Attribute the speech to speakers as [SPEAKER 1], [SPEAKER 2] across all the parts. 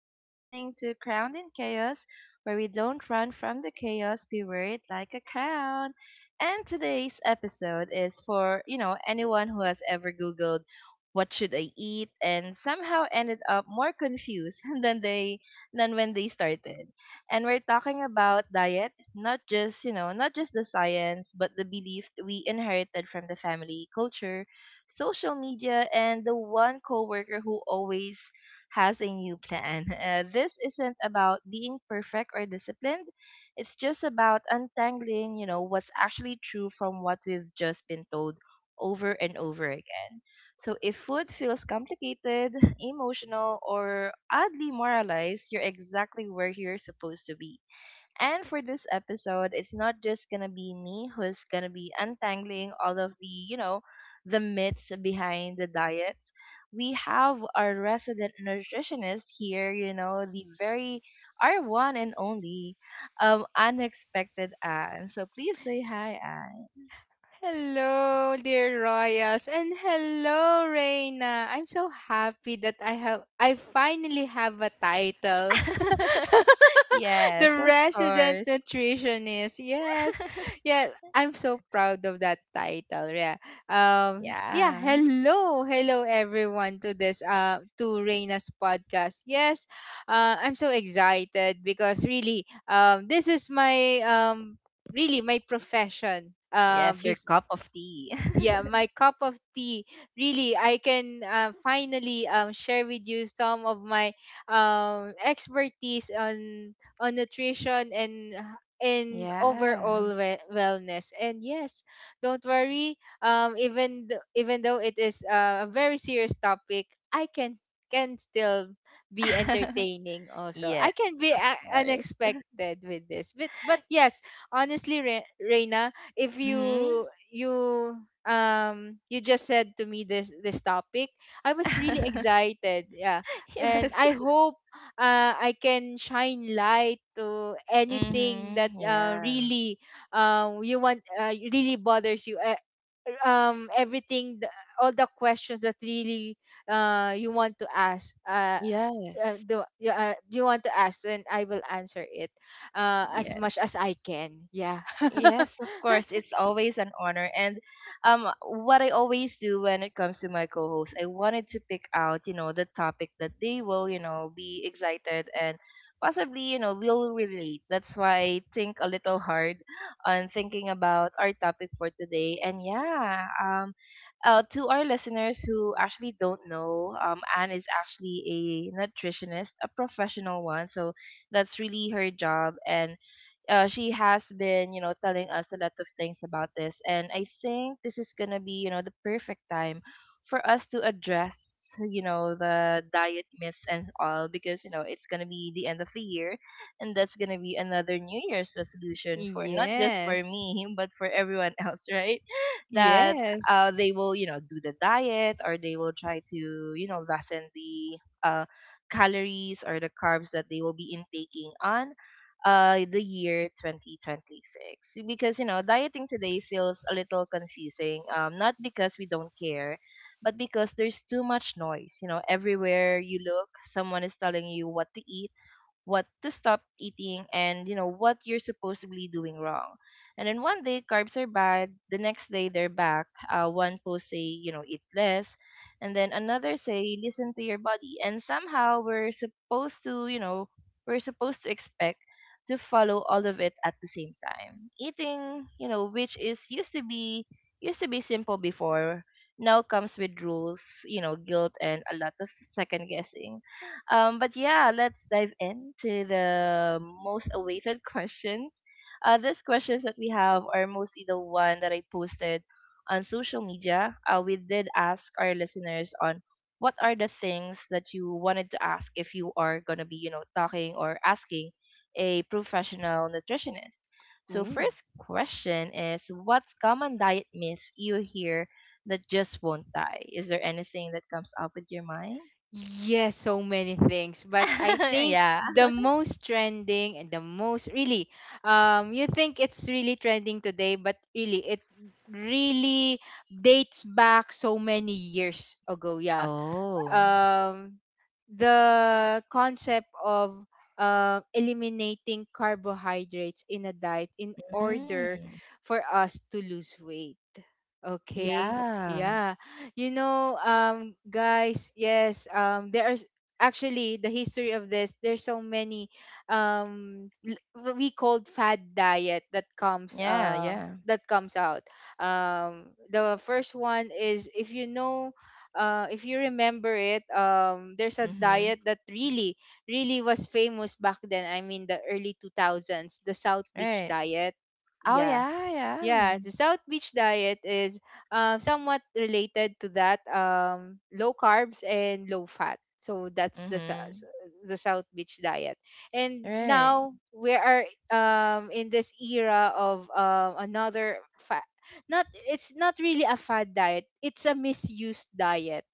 [SPEAKER 1] You're listening to Crowned in Chaos, where we don't run from the chaos, we wear it like a crown. And today's episode is for, anyone who has ever Googled what should I eat and somehow ended up more confused than when they started. And we're talking about diet, not just, not just the science, but the belief we inherited from the family culture, social media, and the one coworker who always has a new plan. This isn't about being perfect or disciplined. It's just about untangling, what's actually true from what we've just been told over and over again. So if food feels complicated, emotional, or oddly moralized, you're exactly where you're supposed to be. And for this episode, it's not just gonna be me who's gonna be untangling all of the, the myths behind the diets. We have our resident nutritionist here, the very our one and only unexpected Anne. So please say hi, Anne.
[SPEAKER 2] Hello, dear Royals, and hello, Reina. I'm so happy that I finally have a title.
[SPEAKER 1] Yes,
[SPEAKER 2] The
[SPEAKER 1] of
[SPEAKER 2] resident
[SPEAKER 1] course.
[SPEAKER 2] nutritionist. Yes. Yes, I'm so proud of that title. Yeah. Yeah,
[SPEAKER 1] Yeah.
[SPEAKER 2] Hello. Hello everyone to this to Reina's podcast. Yes. I'm so excited because really, this is my, really my profession
[SPEAKER 1] Yes, your cup of tea.
[SPEAKER 2] yeah, my cup of tea. Really, I can finally, share with you some of my expertise on nutrition and
[SPEAKER 1] Yeah.
[SPEAKER 2] overall wellness. And yes, don't worry, even even though it is a very serious topic, I can still be entertaining. Also, I
[SPEAKER 1] Yes,
[SPEAKER 2] can be
[SPEAKER 1] of course.
[SPEAKER 2] unexpected with this, but yes. Honestly, Reina, if
[SPEAKER 1] Hmm.
[SPEAKER 2] you you just said to me this topic, I was really excited. Yeah.
[SPEAKER 1] Yes.
[SPEAKER 2] And I hope I can shine light to anything that
[SPEAKER 1] Mhm. Yeah.
[SPEAKER 2] really, you want, really bothers you, everything all the questions that really, you want to ask, uh,
[SPEAKER 1] Yes.
[SPEAKER 2] do, you want to ask, and I will answer it as
[SPEAKER 1] Yes.
[SPEAKER 2] much as I can. Yeah.
[SPEAKER 1] Yes, of course. It's always an honor. And what I always do when it comes to my co hosts, I wanted to pick out, the topic that they will, be excited and possibly, will relate. That's why I think a little hard on thinking about our topic for today. And to our listeners who actually don't know, Anne is actually a nutritionist, a professional one. So that's really her job. And she has been, telling us a lot of things about this. And I think this is going to be, the perfect time for us to address, the diet myths and all because, it's going to be the end of the year. And that's going to be another New Year's resolution for not just for
[SPEAKER 2] Yes.
[SPEAKER 1] me, but for everyone else, right? That
[SPEAKER 2] Yes.
[SPEAKER 1] they will, do the diet or they will try to, lessen the uh, calories or the carbs that they will be intaking on the year 2026, because you know, dieting today feels a little confusing, not because we don't care, but because there's too much noise. You know, everywhere you look, someone is telling you what to eat, what to stop eating, and you know, what you're supposedly doing wrong. And then one day carbs are bad, the next day they're back. One post say, you know, eat less, and then another say listen to your body, and somehow we're supposed to, we're supposed to expect to follow all of it at the same time. Eating, you know, which is used to be simple before, now comes with rules, you know, guilt and a lot of second guessing. But yeah, let's dive into the most awaited questions. These questions that we have are mostly the one that I posted on social media. We did ask our listeners on what are the things that you wanted to ask if you are gonna be, talking or asking a professional nutritionist. So
[SPEAKER 2] Ooh.
[SPEAKER 1] first question is, what's common diet myth you hear that just won't die? Is there anything that comes up with your mind?
[SPEAKER 2] Yes, so many things. But I think
[SPEAKER 1] Yeah.
[SPEAKER 2] the most trending and the most really, you think it's really trending today, but really, it really dates back so many years ago. Yeah.
[SPEAKER 1] Oh.
[SPEAKER 2] um, the concept of eliminating carbohydrates in a diet in
[SPEAKER 1] Mm.
[SPEAKER 2] order for us to lose weight. Okay.
[SPEAKER 1] Yeah.
[SPEAKER 2] Yeah. You know, guys, yes, there are actually the history of this. There's so many, what we called fad diet
[SPEAKER 1] Yeah, yeah.
[SPEAKER 2] that comes out. The first one is if you know, if you remember it, there's a
[SPEAKER 1] Mhm.
[SPEAKER 2] diet that really, really was famous back then. I mean, the early 2000s, the South Beach
[SPEAKER 1] Right.
[SPEAKER 2] diet.
[SPEAKER 1] Oh,
[SPEAKER 2] Yeah,
[SPEAKER 1] yeah, yeah.
[SPEAKER 2] yeah, the South Beach diet is somewhat related to that, low carbs and low fat. So that's the
[SPEAKER 1] Mhm.
[SPEAKER 2] the South Beach diet. And
[SPEAKER 1] Right.
[SPEAKER 2] now we are in this era of another fat. Not, it's not really a fad diet. It's a misused diet.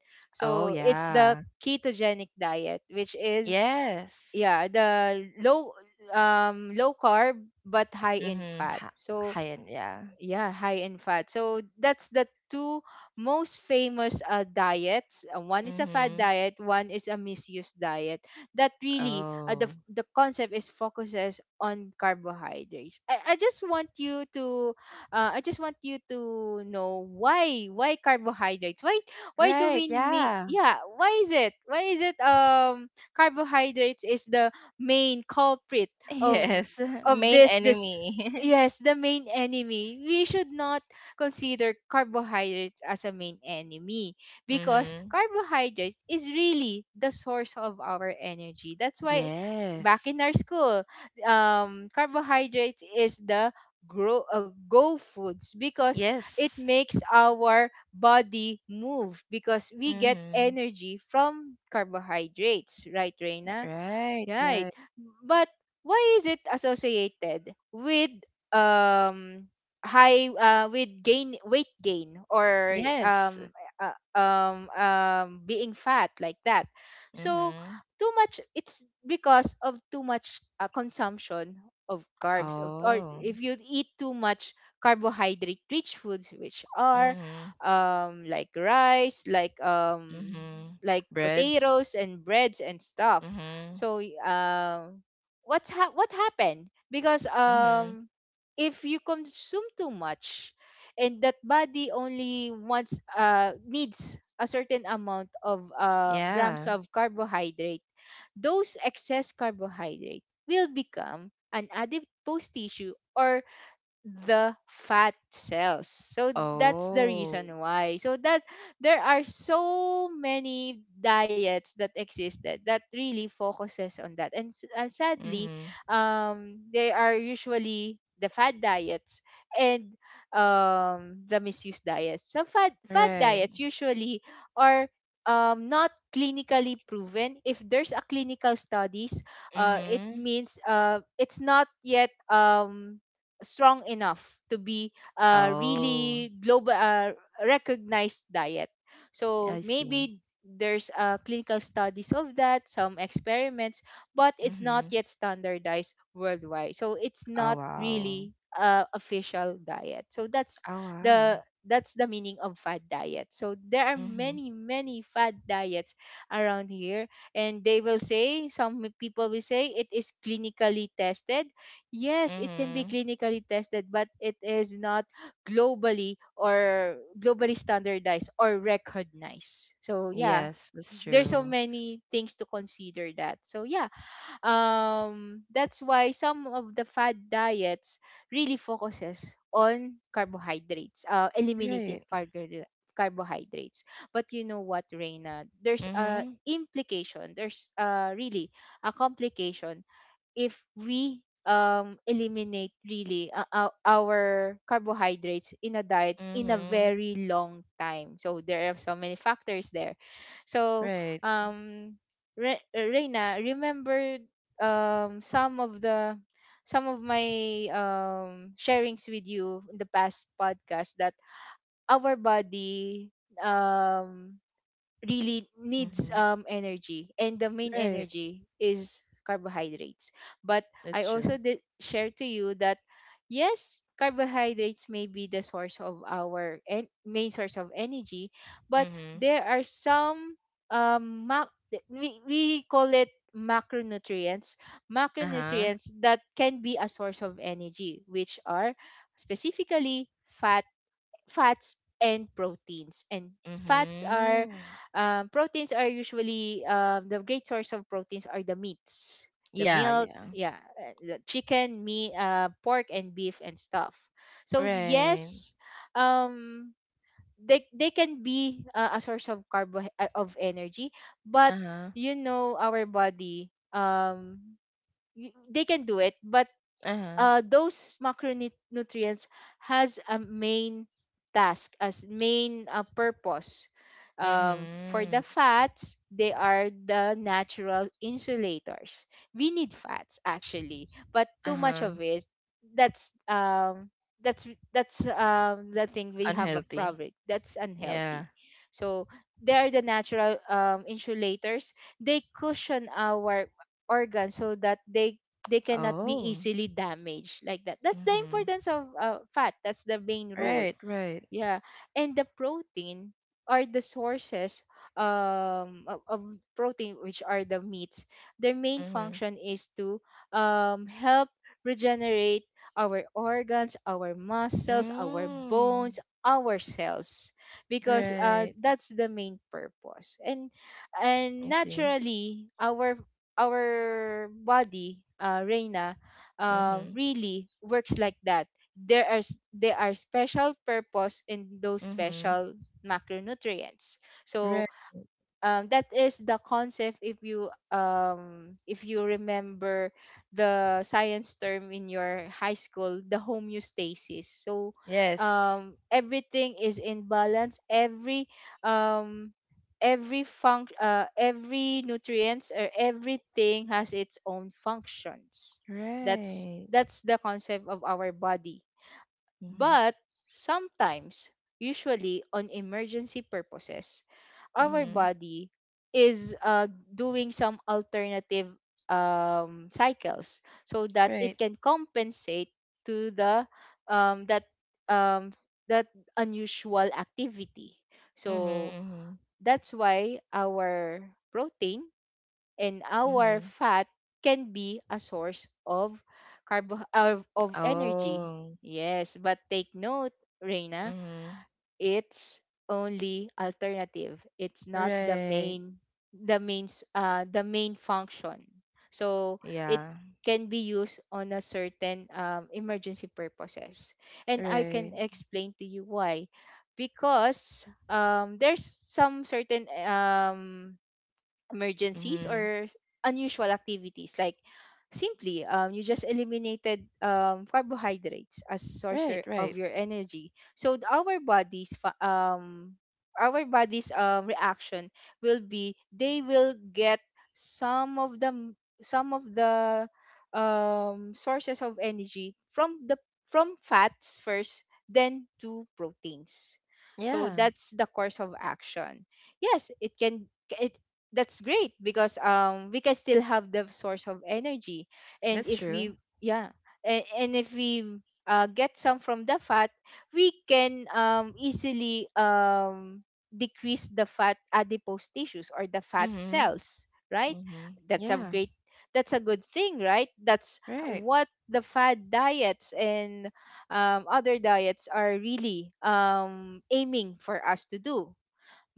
[SPEAKER 1] Oh,
[SPEAKER 2] So it's the
[SPEAKER 1] yeah.
[SPEAKER 2] ketogenic diet, which is
[SPEAKER 1] Yes.
[SPEAKER 2] yeah, the low, low carb but high in
[SPEAKER 1] Mhm.
[SPEAKER 2] fat.
[SPEAKER 1] Hi,
[SPEAKER 2] So
[SPEAKER 1] high end, yeah.
[SPEAKER 2] yeah, high in fat. So that's the two most famous diets. One is a fat
[SPEAKER 1] Mhm.
[SPEAKER 2] diet, one is a misuse diet that really, the
[SPEAKER 1] Oh.
[SPEAKER 2] concept is focuses on carbohydrates. I just want you to I just want you to know why carbohydrates, why do
[SPEAKER 1] Right,
[SPEAKER 2] we need,
[SPEAKER 1] yeah.
[SPEAKER 2] yeah, why is it, why is it, carbohydrates is the main culprit of
[SPEAKER 1] Yes.
[SPEAKER 2] of
[SPEAKER 1] Main
[SPEAKER 2] this this
[SPEAKER 1] enemy.
[SPEAKER 2] Yes, the main enemy. We should not consider carbohydrates as a main enemy, because
[SPEAKER 1] Mhm.
[SPEAKER 2] carbohydrates is really the source of our energy. That's why
[SPEAKER 1] Yes.
[SPEAKER 2] back in our school, carbohydrates is the grow, go foods, because it
[SPEAKER 1] Yes.
[SPEAKER 2] makes our body move, because we get
[SPEAKER 1] Mhm.
[SPEAKER 2] energy from carbohydrates, right, Reina?
[SPEAKER 1] Right,
[SPEAKER 2] Right.
[SPEAKER 1] right.
[SPEAKER 2] But why is it associated with um high with gain, weight gain, or
[SPEAKER 1] Yes.
[SPEAKER 2] um uh, um um being fat like that. So
[SPEAKER 1] Mhm.
[SPEAKER 2] too much, it's because of too much consumption of carbs or
[SPEAKER 1] Oh.
[SPEAKER 2] if you eat too much carbohydrate rich foods, which are
[SPEAKER 1] Mhm.
[SPEAKER 2] like rice,
[SPEAKER 1] Mm-hmm.
[SPEAKER 2] like
[SPEAKER 1] Breads.
[SPEAKER 2] potatoes and breads and stuff.
[SPEAKER 1] Mm-hmm.
[SPEAKER 2] So what happened? Because,
[SPEAKER 1] Mm-hmm.
[SPEAKER 2] if you consume too much, and that body only wants, needs a certain amount of, grams
[SPEAKER 1] Yeah.
[SPEAKER 2] of carbohydrate, those excess carbohydrate will become an adipose tissue or the fat cells. So that's the
[SPEAKER 1] Oh.
[SPEAKER 2] reason why. So that there are so many diets that existed that really focuses on that. And sadly,
[SPEAKER 1] Mm-hmm.
[SPEAKER 2] they are usually the fat diets and the misuse diets. So fat
[SPEAKER 1] Right.
[SPEAKER 2] diets usually are, not clinically proven. If there's a clinical studies, it
[SPEAKER 1] Mm-hmm.
[SPEAKER 2] means, it's not yet, strong enough to be a
[SPEAKER 1] Oh.
[SPEAKER 2] really global, recognized diet. So
[SPEAKER 1] I see.
[SPEAKER 2] maybe there's, clinical studies of that, some experiments, but it's not
[SPEAKER 1] Mm-hmm.
[SPEAKER 2] yet standardized worldwide, so it's
[SPEAKER 1] Oh
[SPEAKER 2] not
[SPEAKER 1] wow.
[SPEAKER 2] really, official diet. So that's
[SPEAKER 1] Oh
[SPEAKER 2] the
[SPEAKER 1] wow.
[SPEAKER 2] the meaning of fad diet. So there are
[SPEAKER 1] Mm-hmm.
[SPEAKER 2] many, many fad diets around here, and they will say, some people will say, it is clinically tested. Yes, it can be
[SPEAKER 1] Mm-hmm.
[SPEAKER 2] clinically tested, but it is not globally, or globally standardized or recognized. So yeah,
[SPEAKER 1] Yes, that's
[SPEAKER 2] there's so
[SPEAKER 1] true.
[SPEAKER 2] many things to consider that. So yeah, that's why some of the fad diets really focuses on carbohydrates, eliminating
[SPEAKER 1] Right.
[SPEAKER 2] carbohydrates. But you know what, Reina? There's a
[SPEAKER 1] Mm-hmm.
[SPEAKER 2] implication. There's, really a complication if we, eliminate really, our carbohydrates in a diet in a
[SPEAKER 1] Mm-hmm.
[SPEAKER 2] very long time. So there are so many factors there. So
[SPEAKER 1] Right.
[SPEAKER 2] um Reina, remember, some of the, some of my, sharings with you in the past podcast, that our body, um really needs,
[SPEAKER 1] Mm-hmm.
[SPEAKER 2] energy, and the main
[SPEAKER 1] Right.
[SPEAKER 2] energy is carbohydrates. But I
[SPEAKER 1] That's true.
[SPEAKER 2] also did share to you that yes, carbohydrates may be the source of our, and main source of energy, but
[SPEAKER 1] Mm-hmm.
[SPEAKER 2] there are some, we call it macronutrients,
[SPEAKER 1] Uh-huh.
[SPEAKER 2] macronutrients that can be a source of energy, which are specifically fat, fats and proteins. And fats are,
[SPEAKER 1] Mm-hmm.
[SPEAKER 2] proteins are usually, the great source of proteins are the meats, the
[SPEAKER 1] Yeah,
[SPEAKER 2] milk,
[SPEAKER 1] yeah.
[SPEAKER 2] yeah, the chicken, meat, pork, and beef and stuff. So
[SPEAKER 1] Right.
[SPEAKER 2] yes, um, they can be, a source of carbo of energy, but
[SPEAKER 1] Uh-huh.
[SPEAKER 2] you know our body, they can do it, but
[SPEAKER 1] Uh-huh.
[SPEAKER 2] those macronutrients has a main task as main, purpose. For the
[SPEAKER 1] Mm-hmm.
[SPEAKER 2] fats, they are the natural insulators. We need fats actually, but too much
[SPEAKER 1] Uh-huh.
[SPEAKER 2] of it, that's um that's that's the thing, we have a
[SPEAKER 1] Unhealthy.
[SPEAKER 2] problem, that's unhealthy.
[SPEAKER 1] Yeah.
[SPEAKER 2] So they are the natural, insulators. They cushion our organs, so that they cannot be
[SPEAKER 1] Oh.
[SPEAKER 2] easily damaged like that. That's the
[SPEAKER 1] Mm-hmm.
[SPEAKER 2] importance of, fat. That's the main role.
[SPEAKER 1] Right, right.
[SPEAKER 2] Yeah, and the protein are the sources, of protein, which are the meats. Their main
[SPEAKER 1] Mm-hmm.
[SPEAKER 2] function is to, help regenerate our organs, our muscles, our
[SPEAKER 1] Mm.
[SPEAKER 2] bones, our cells, because,
[SPEAKER 1] Right.
[SPEAKER 2] that's the main purpose. And
[SPEAKER 1] I see.
[SPEAKER 2] naturally, our body, Reina,
[SPEAKER 1] Mm-hmm.
[SPEAKER 2] really works like that. There there are special purpose in those
[SPEAKER 1] Mm-hmm.
[SPEAKER 2] special macronutrients. So,
[SPEAKER 1] Right.
[SPEAKER 2] that is the concept if you, if you remember the science term in your high school, the homeostasis. So,
[SPEAKER 1] Yes.
[SPEAKER 2] everything is in balance. Every, um every func every nutrients, or everything has its own functions. that's
[SPEAKER 1] Right.
[SPEAKER 2] that's the concept of our body.
[SPEAKER 1] Mm-hmm.
[SPEAKER 2] But sometimes, usually on emergency purposes, our
[SPEAKER 1] Mm-hmm.
[SPEAKER 2] body is, doing some alternative, cycles, so that it
[SPEAKER 1] Right.
[SPEAKER 2] can compensate to the, um, that um, that unusual activity.
[SPEAKER 1] Mm-hmm.
[SPEAKER 2] So
[SPEAKER 1] Mm-hmm.
[SPEAKER 2] that's why our protein and our
[SPEAKER 1] Mm-hmm.
[SPEAKER 2] fat can be a source of of energy.
[SPEAKER 1] Oh.
[SPEAKER 2] Yes, but take note, Reina,
[SPEAKER 1] Mm-hmm.
[SPEAKER 2] it's only alternative. It's not the
[SPEAKER 1] Right.
[SPEAKER 2] main, the main function. So it
[SPEAKER 1] Yeah.
[SPEAKER 2] can be used on a certain, emergency purposes. And I can
[SPEAKER 1] Right.
[SPEAKER 2] explain to you why. Because, there's some certain, emergencies
[SPEAKER 1] Mm-hmm.
[SPEAKER 2] unusual activities like simply, you just eliminated, carbohydrates as source
[SPEAKER 1] Right,
[SPEAKER 2] of
[SPEAKER 1] right.
[SPEAKER 2] your energy. So our our body's, reaction will be, they will get some of some of the, sources of energy from the, from fats first, then to proteins. So
[SPEAKER 1] Yeah.
[SPEAKER 2] that's the course of action. Yes, it can, it that's great, because, we can still have the source of energy. And
[SPEAKER 1] That's
[SPEAKER 2] if
[SPEAKER 1] true.
[SPEAKER 2] we, yeah, and if we, get some from the fat, we can, easily, decrease the fat adipose tissues or the fat
[SPEAKER 1] Mm-hmm.
[SPEAKER 2] cells, right?
[SPEAKER 1] Mm-hmm.
[SPEAKER 2] That's a
[SPEAKER 1] Yeah.
[SPEAKER 2] great, that's a good thing, right? That's
[SPEAKER 1] Right.
[SPEAKER 2] what the fat diets and, other diets are really, aiming for us to do.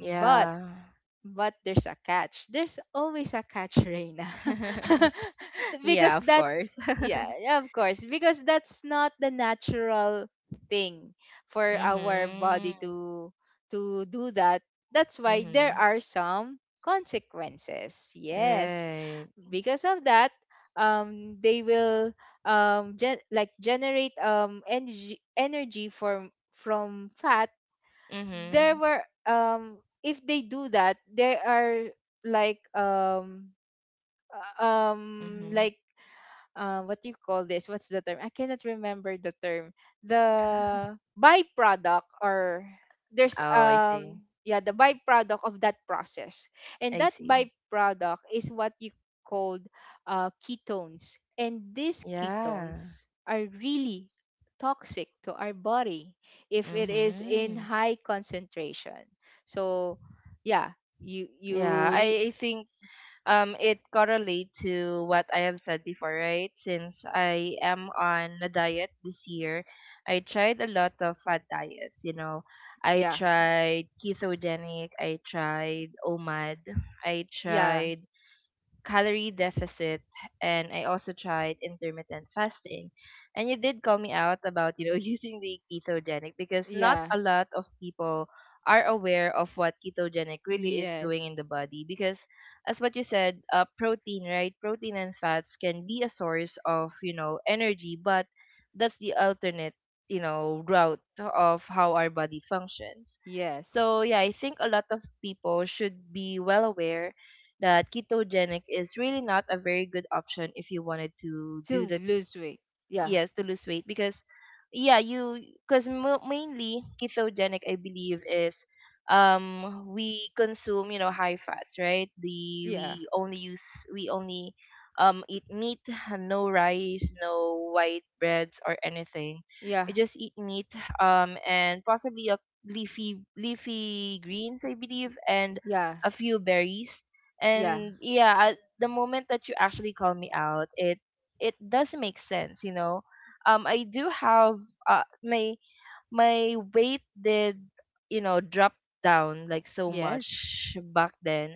[SPEAKER 2] But, there's a catch. There's always a catch, Reina.
[SPEAKER 1] Yeah,
[SPEAKER 2] Because
[SPEAKER 1] of
[SPEAKER 2] that,
[SPEAKER 1] course.
[SPEAKER 2] yeah, yeah, of course, because that's not the natural thing for our body
[SPEAKER 1] Mhm.
[SPEAKER 2] to do that. That's why there
[SPEAKER 1] Mhm.
[SPEAKER 2] are some consequences. Yes,
[SPEAKER 1] Right.
[SPEAKER 2] because of that, they will, like generate, energy from fat. There
[SPEAKER 1] Mhm.
[SPEAKER 2] were, if they do that, there are, like um um
[SPEAKER 1] Mhm.
[SPEAKER 2] like what do you call this? What's the term? I cannot remember the term. The byproduct, or there's
[SPEAKER 1] Oh, I see.
[SPEAKER 2] yeah, the byproduct of that process. And
[SPEAKER 1] I
[SPEAKER 2] that
[SPEAKER 1] see.
[SPEAKER 2] byproduct is what you called, ketones. And these
[SPEAKER 1] Yeah.
[SPEAKER 2] ketones are really toxic to our body if it is in
[SPEAKER 1] Mhm.
[SPEAKER 2] high concentration. So yeah, you
[SPEAKER 1] Yeah,
[SPEAKER 2] you re-
[SPEAKER 1] I I think it correlate to what I have said before, right? Since I am on a diet this year, I tried a lot of fat diets, you know. I
[SPEAKER 2] yeah,
[SPEAKER 1] tried ketogenic, I tried OMAD, I
[SPEAKER 2] yeah,
[SPEAKER 1] tried calorie deficit, and I also tried intermittent fasting. And you did call me out about, using the ketogenic, because not
[SPEAKER 2] yeah.
[SPEAKER 1] a lot of people are aware of what ketogenic really is
[SPEAKER 2] Yes.
[SPEAKER 1] doing in the body. Because as what you said, protein, right? Protein and fats can be a source of, energy, but that's the alternate, route of how our body functions.
[SPEAKER 2] Yes.
[SPEAKER 1] So yeah, I think a lot of people should be well aware that ketogenic is really not a very good option if you wanted to do
[SPEAKER 2] To
[SPEAKER 1] the,
[SPEAKER 2] lose weight. Yeah,
[SPEAKER 1] yes, to lose weight. Because yeah you because mo mainly ketogenic, I believe, is, we consume, you know, high fats, right? the
[SPEAKER 2] yeah,
[SPEAKER 1] we only use we only eat meat, no rice, no white breads or anything. We
[SPEAKER 2] yeah,
[SPEAKER 1] just eat meat, and possibly a leafy greens, I believe, and
[SPEAKER 2] yeah,
[SPEAKER 1] a few berries.
[SPEAKER 2] yeah.
[SPEAKER 1] And yeah, at the moment that you actually call me out, it does make sense, you know. I do have, my my weight did, you know, drop down like so
[SPEAKER 2] Yes,
[SPEAKER 1] much back then.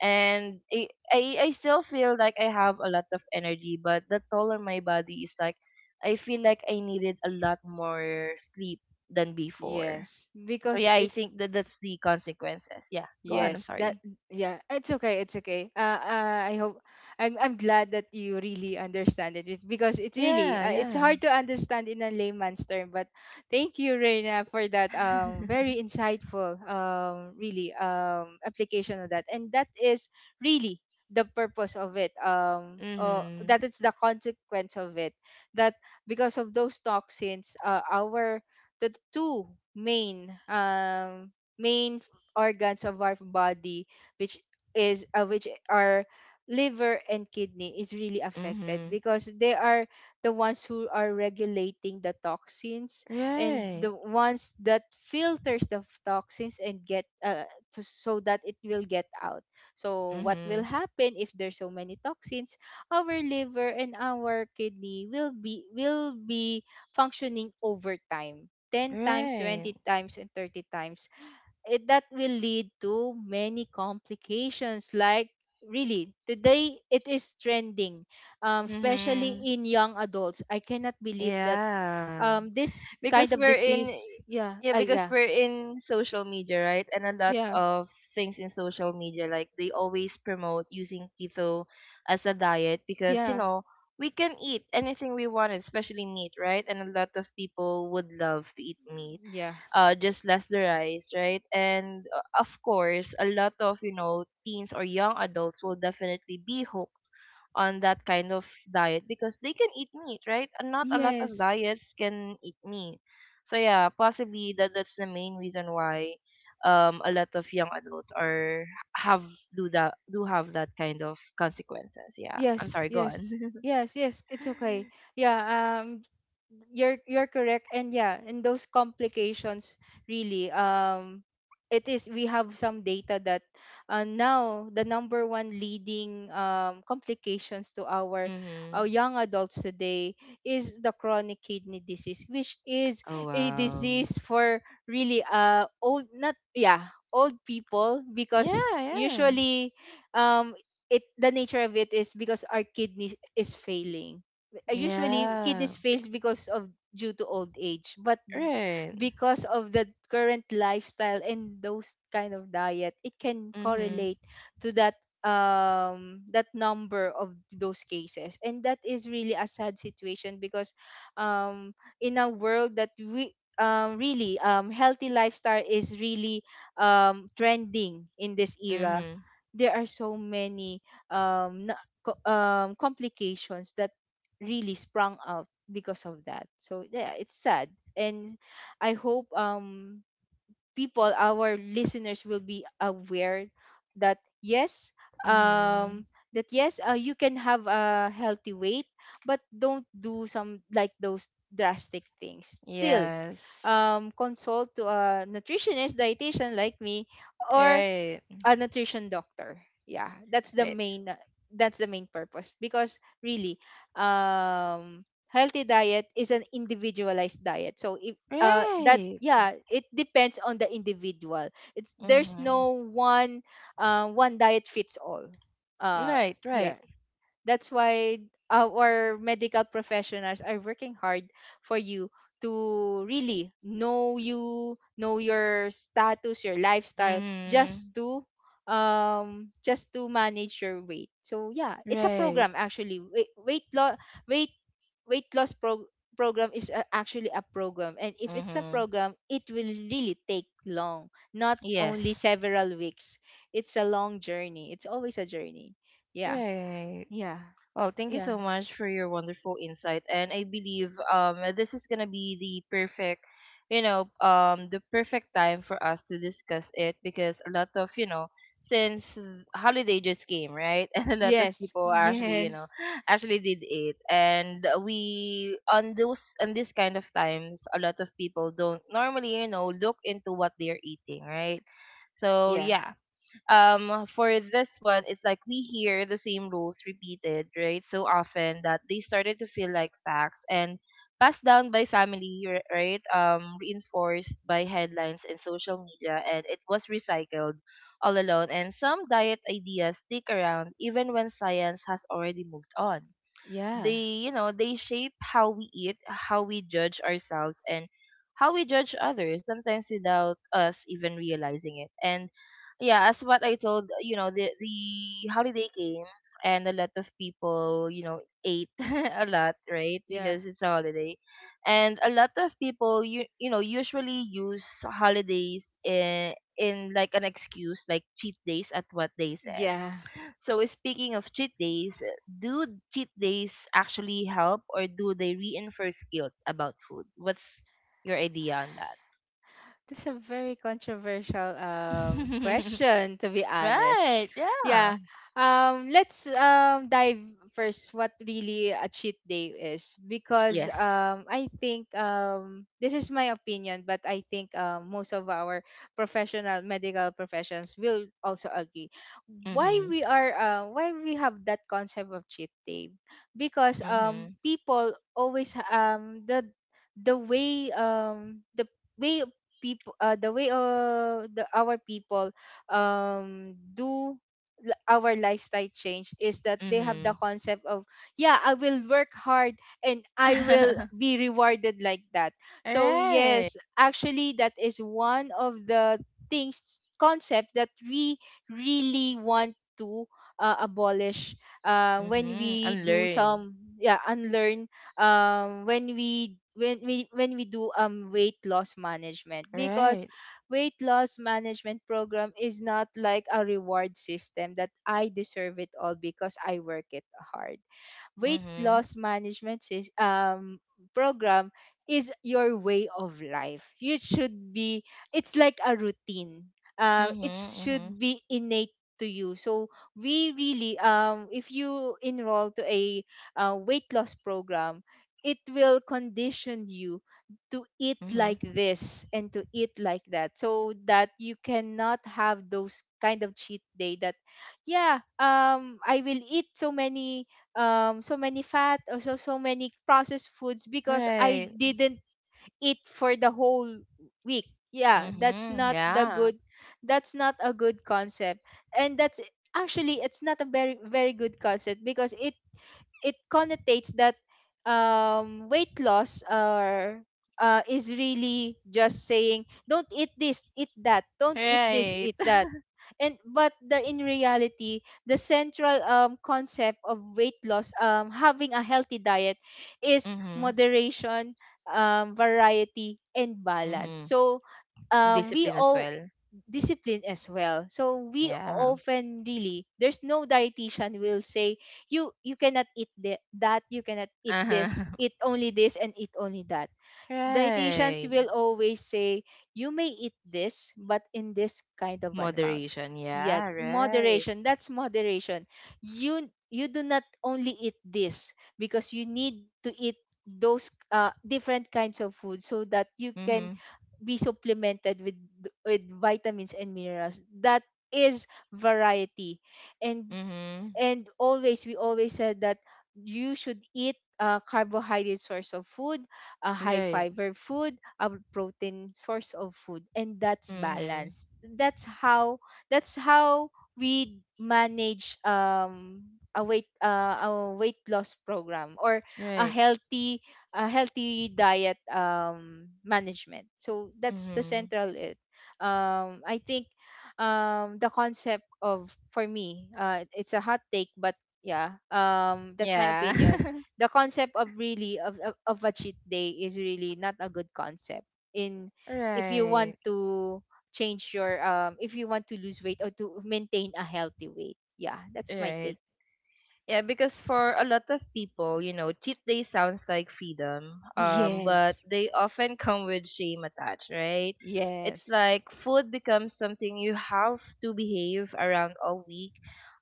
[SPEAKER 1] And it, I still feel like I have a lot of energy, but the toll on my body is like I feel like I needed a lot more sleep than before.
[SPEAKER 2] yes.
[SPEAKER 1] So
[SPEAKER 2] Because
[SPEAKER 1] yeah, I
[SPEAKER 2] it,
[SPEAKER 1] think that that's the consequences. Yeah, go on, I'm
[SPEAKER 2] yes, that,
[SPEAKER 1] sorry.
[SPEAKER 2] yeah, it's okay, it's okay. I hope I'm glad that you really understand it. It's because it's really
[SPEAKER 1] Yeah,
[SPEAKER 2] uh, it's
[SPEAKER 1] yeah.
[SPEAKER 2] hard to understand in a layman's term, but thank you Reina for that very insightful really application of that. And that is really the purpose of it.
[SPEAKER 1] Mhm.
[SPEAKER 2] That is the consequence of it. That, because of those toxins our, the two main main organs of our body which which are liver and kidney is really affected
[SPEAKER 1] Mhm.
[SPEAKER 2] because they are the ones who are regulating the toxins, and
[SPEAKER 1] Right.
[SPEAKER 2] the ones that filters the toxins and get so that it will get out. So what will
[SPEAKER 1] Mhm.
[SPEAKER 2] happen if there's so many toxins? Our liver and our kidney will be functioning over time, 10 times,
[SPEAKER 1] Right.
[SPEAKER 2] 20 times, and 30 times. That will lead to many complications, like really, today it is trending, especially
[SPEAKER 1] Mm-hmm.
[SPEAKER 2] in young adults. I cannot believe that
[SPEAKER 1] Yeah.
[SPEAKER 2] this kind
[SPEAKER 1] Because
[SPEAKER 2] of
[SPEAKER 1] we're in
[SPEAKER 2] disease. Yeah,
[SPEAKER 1] Yeah, because
[SPEAKER 2] yeah,
[SPEAKER 1] we're in social media, right? And a lot
[SPEAKER 2] yeah,
[SPEAKER 1] of things in social media, like, they always promote using keto as a diet
[SPEAKER 2] yeah,
[SPEAKER 1] because, you know, we can eat anything we want, especially meat, right? And a lot of people would love to eat meat.
[SPEAKER 2] yeah,
[SPEAKER 1] Uh, just less the rice, right? And of course, a lot of, you know, teens or young adults will definitely be hooked on that kind of diet because they can eat meat, right? And not a lot of
[SPEAKER 2] yes.
[SPEAKER 1] diets can eat meat. So yeah, possibly that that's the main reason why a lot of young adults are, have do that, do have that kind of consequences. Yeah, I'm
[SPEAKER 2] Yes,
[SPEAKER 1] sorry, go on.
[SPEAKER 2] yes, yes, yes. It's okay. Yeah, you're correct, and yeah, and those complications, really, it is. We have some data that, now the number one leading complications to our,
[SPEAKER 1] Mhm.
[SPEAKER 2] our young adults today is the chronic kidney disease, which is
[SPEAKER 1] Oh
[SPEAKER 2] a
[SPEAKER 1] wow.
[SPEAKER 2] disease for really old, not, yeah, old people,
[SPEAKER 1] Yeah,
[SPEAKER 2] because
[SPEAKER 1] yeah.
[SPEAKER 2] usually, um it the nature of it is because our kidney is failing. Usually
[SPEAKER 1] Yeah.
[SPEAKER 2] kidneys fails because of due to old age, but
[SPEAKER 1] Right.
[SPEAKER 2] because of the current lifestyle and those kind of diet, it can
[SPEAKER 1] Mhm.
[SPEAKER 2] correlate to that, number of those cases. And that is really a sad situation because, in a world that we, really, healthy lifestyle is really trending in this era,
[SPEAKER 1] Mhm.
[SPEAKER 2] there are so many complications that really sprung out because of that. So yeah, it's sad, and I hope, people, our listeners, will be aware that yes,
[SPEAKER 1] Mhm.
[SPEAKER 2] um, that yes, you can have a healthy weight, but don't do some like those drastic things. Still,
[SPEAKER 1] Yes.
[SPEAKER 2] consult to a nutritionist, dietitian like me, or
[SPEAKER 1] Right.
[SPEAKER 2] a nutrition doctor. Yeah,
[SPEAKER 1] Right.
[SPEAKER 2] that's the main purpose. Because really, healthy diet is an individualized diet. So if that
[SPEAKER 1] Right.
[SPEAKER 2] yeah, it depends on the individual. It's there's
[SPEAKER 1] Mhm.
[SPEAKER 2] no one diet fits all. Uh
[SPEAKER 1] Right,
[SPEAKER 2] yeah,
[SPEAKER 1] right.
[SPEAKER 2] that's why our medical professionals are working hard for you, to really know you, know your status, your lifestyle,
[SPEAKER 1] Mm-hmm.
[SPEAKER 2] just to manage your weight. So yeah, it's a
[SPEAKER 1] Right.
[SPEAKER 2] program, actually. Weight weight loss program is actually a program, and if it's a
[SPEAKER 1] Mm-hmm.
[SPEAKER 2] program, it will really take long, not only
[SPEAKER 1] Yes.
[SPEAKER 2] several weeks. It's a long journey. It's always a journey. Yeah,
[SPEAKER 1] Right.
[SPEAKER 2] yeah,
[SPEAKER 1] Oh, thank you
[SPEAKER 2] yeah.
[SPEAKER 1] so much for your wonderful insight. And I believe this is gonna be the perfect, the perfect time for us to discuss it because a lot of, since holiday just came, right? And a lot of
[SPEAKER 2] Yes.
[SPEAKER 1] people actually, you know,
[SPEAKER 2] Yes.
[SPEAKER 1] actually did it. And we on those on this kind of times, a lot of people don't normally, you know, look into what they're eating, right? So
[SPEAKER 2] Yeah.
[SPEAKER 1] yeah, for this one, it's like we hear the same rules repeated, right, so often that they started to feel like facts and passed down by family, right, reinforced by headlines and social media, and it was recycled all alone. And some diet ideas stick around even when science has already moved on.
[SPEAKER 2] Yeah.
[SPEAKER 1] They, you know, they shape how we eat, how we judge ourselves, and how we judge others, sometimes without us even realizing it. And yeah, as what I told, you know, the holiday came and a lot of people, you know, ate a lot, right,
[SPEAKER 2] Yeah.
[SPEAKER 1] because it's a holiday. And a lot of people, you know, usually use holidays in like an excuse, like cheat days at what they said.
[SPEAKER 2] Yeah.
[SPEAKER 1] So speaking of cheat days, do cheat days actually help, or do they reinforce guilt about food? What's your idea on that?
[SPEAKER 2] That's a very controversial question, to be honest.
[SPEAKER 1] Right. Yeah.
[SPEAKER 2] Yeah. Let's dive first what really a cheat day is, because
[SPEAKER 1] Yes.
[SPEAKER 2] I think, this is my opinion, but I think most of our professional medical professions will also agree why
[SPEAKER 1] Mhm.
[SPEAKER 2] we are why we have that concept of cheat day. Because
[SPEAKER 1] Mhm.
[SPEAKER 2] people always the way, the way people, the way, the our people do, our lifestyle change, is that they have the
[SPEAKER 1] Mhm.
[SPEAKER 2] concept of, yeah, I will work hard and I will be rewarded, like that.
[SPEAKER 1] All
[SPEAKER 2] So
[SPEAKER 1] right.
[SPEAKER 2] yes, actually, that is one of the things, concept, that we really want to abolish, when
[SPEAKER 1] Mhm.
[SPEAKER 2] we do
[SPEAKER 1] Unlearn.
[SPEAKER 2] some, yeah, unlearn, when we do weight loss management. Because
[SPEAKER 1] Right.
[SPEAKER 2] weight loss management program is not like a reward system, that I deserve it all because I work it hard. Weight
[SPEAKER 1] Mhm.
[SPEAKER 2] loss management program is your way of life. You should be, it's like a routine. It
[SPEAKER 1] Mhm. Mhm.
[SPEAKER 2] should be innate to you. So we really, if you enroll to a, weight loss program, it will condition you to eat
[SPEAKER 1] Mhm.
[SPEAKER 2] like this and to eat like that, so that you cannot have those kind of cheat day, that, yeah, I will eat so many, so many fat, also, so many processed foods because I
[SPEAKER 1] Right.
[SPEAKER 2] didn't eat for the whole week. Yeah,
[SPEAKER 1] Mhm. Yeah.
[SPEAKER 2] that's not a good concept. And that's actually, it's not a very, very good concept because it connotates that, weight loss, or, is really just saying don't eat this, eat that, don't eat this,
[SPEAKER 1] Right.
[SPEAKER 2] eat that. And but the, in reality, the central, concept of weight loss, having a healthy diet, is
[SPEAKER 1] Mhm.
[SPEAKER 2] moderation, variety, and balance.
[SPEAKER 1] Mhm.
[SPEAKER 2] So, we
[SPEAKER 1] Discipline as
[SPEAKER 2] all,
[SPEAKER 1] well.
[SPEAKER 2] discipline as well. So we
[SPEAKER 1] Yeah.
[SPEAKER 2] often, really, there's no dietitian will say you, you cannot eat thi- that you cannot eat
[SPEAKER 1] Uh-huh.
[SPEAKER 2] this, eat only this and eat only that. Dietitians
[SPEAKER 1] Right.
[SPEAKER 2] will always say you may eat this, but in this kind of an amount.
[SPEAKER 1] Moderation.
[SPEAKER 2] Yet
[SPEAKER 1] Yeah, right.
[SPEAKER 2] moderation, that's moderation. You do not only eat this, because you need to eat those, different kinds of food, so that you can
[SPEAKER 1] Mhm.
[SPEAKER 2] be supplemented with vitamins and minerals. That is variety. and
[SPEAKER 1] Mhm.
[SPEAKER 2] and always, we always said that you should eat a carbohydrate source of food, a high
[SPEAKER 1] Right.
[SPEAKER 2] fiber food, a protein source of food, and that's
[SPEAKER 1] Mhm.
[SPEAKER 2] balanced. That's how that's how we manage, a weight, loss program, or a
[SPEAKER 1] Right.
[SPEAKER 2] healthy a healthy diet, management. So that's the
[SPEAKER 1] Mhm.
[SPEAKER 2] central it. I think, the concept of, for me, it's a hot take, but yeah, that's my
[SPEAKER 1] Yeah.
[SPEAKER 2] opinion. The concept of, really, of a cheat day, is really not a good concept in, if you want
[SPEAKER 1] Right.
[SPEAKER 2] to change your, if you want to lose weight, or to maintain a healthy weight. Yeah, that's my
[SPEAKER 1] Right.
[SPEAKER 2] take.
[SPEAKER 1] Yeah, because for a lot of people, you know, cheat day sounds like freedom, but
[SPEAKER 2] Yes.
[SPEAKER 1] they often come with shame attached, right? It's
[SPEAKER 2] Yes,
[SPEAKER 1] like food becomes something you have to behave around all week,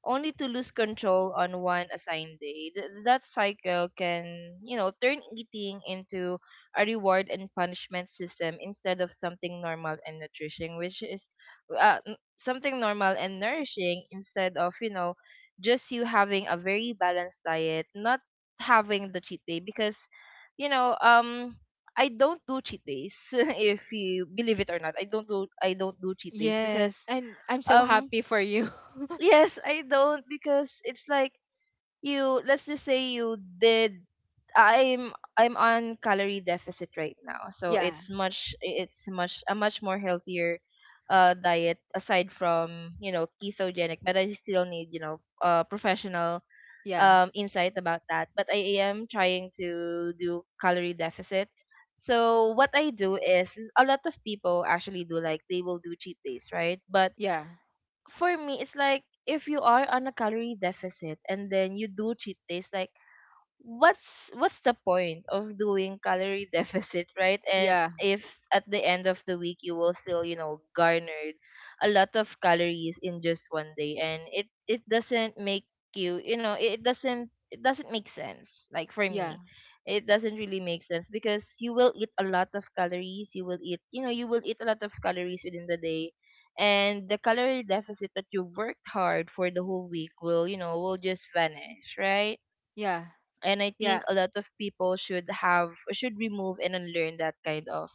[SPEAKER 1] only to lose control on one assigned day. That cycle can, you know, turn eating into a reward and punishment system instead of something normal and nutrition, which is something normal and nourishing instead of, you know, just you having a very balanced diet, not having the cheat day because you know, um I don't do cheat days if you believe it or not. I don't do cheat days because
[SPEAKER 2] yes, and I'm so
[SPEAKER 1] um
[SPEAKER 2] happy for you.
[SPEAKER 1] yes, I don't because it's like you let's just say you did. I'm on calorie deficit right now. So
[SPEAKER 2] Yeah,
[SPEAKER 1] it's much more healthier diet aside from, you know, ketogenic, but I still need, you know, professional
[SPEAKER 2] yeah,
[SPEAKER 1] insight about that, but I am trying to do calorie deficit. So what I do is a lot of people actually do like they will do cheat days, right? But
[SPEAKER 2] yeah,
[SPEAKER 1] for me, it's like if you are on a calorie deficit and then you do cheat days, like what's the point of doing calorie deficit, right? And
[SPEAKER 2] yeah,
[SPEAKER 1] if at the end of the week you will still, you know, garnered a lot of calories in just one day, and it doesn't make you, you know, it doesn't make sense, like for
[SPEAKER 2] yeah,
[SPEAKER 1] me it doesn't really make sense because you will eat a lot of calories, you will eat, you know, you will eat a lot of calories within the day, and the calorie deficit that you worked hard for the whole week will, you know, will just vanish, right?
[SPEAKER 2] yeah.
[SPEAKER 1] And I think
[SPEAKER 2] Yeah.
[SPEAKER 1] a lot of people should have should remove and unlearn that kind of,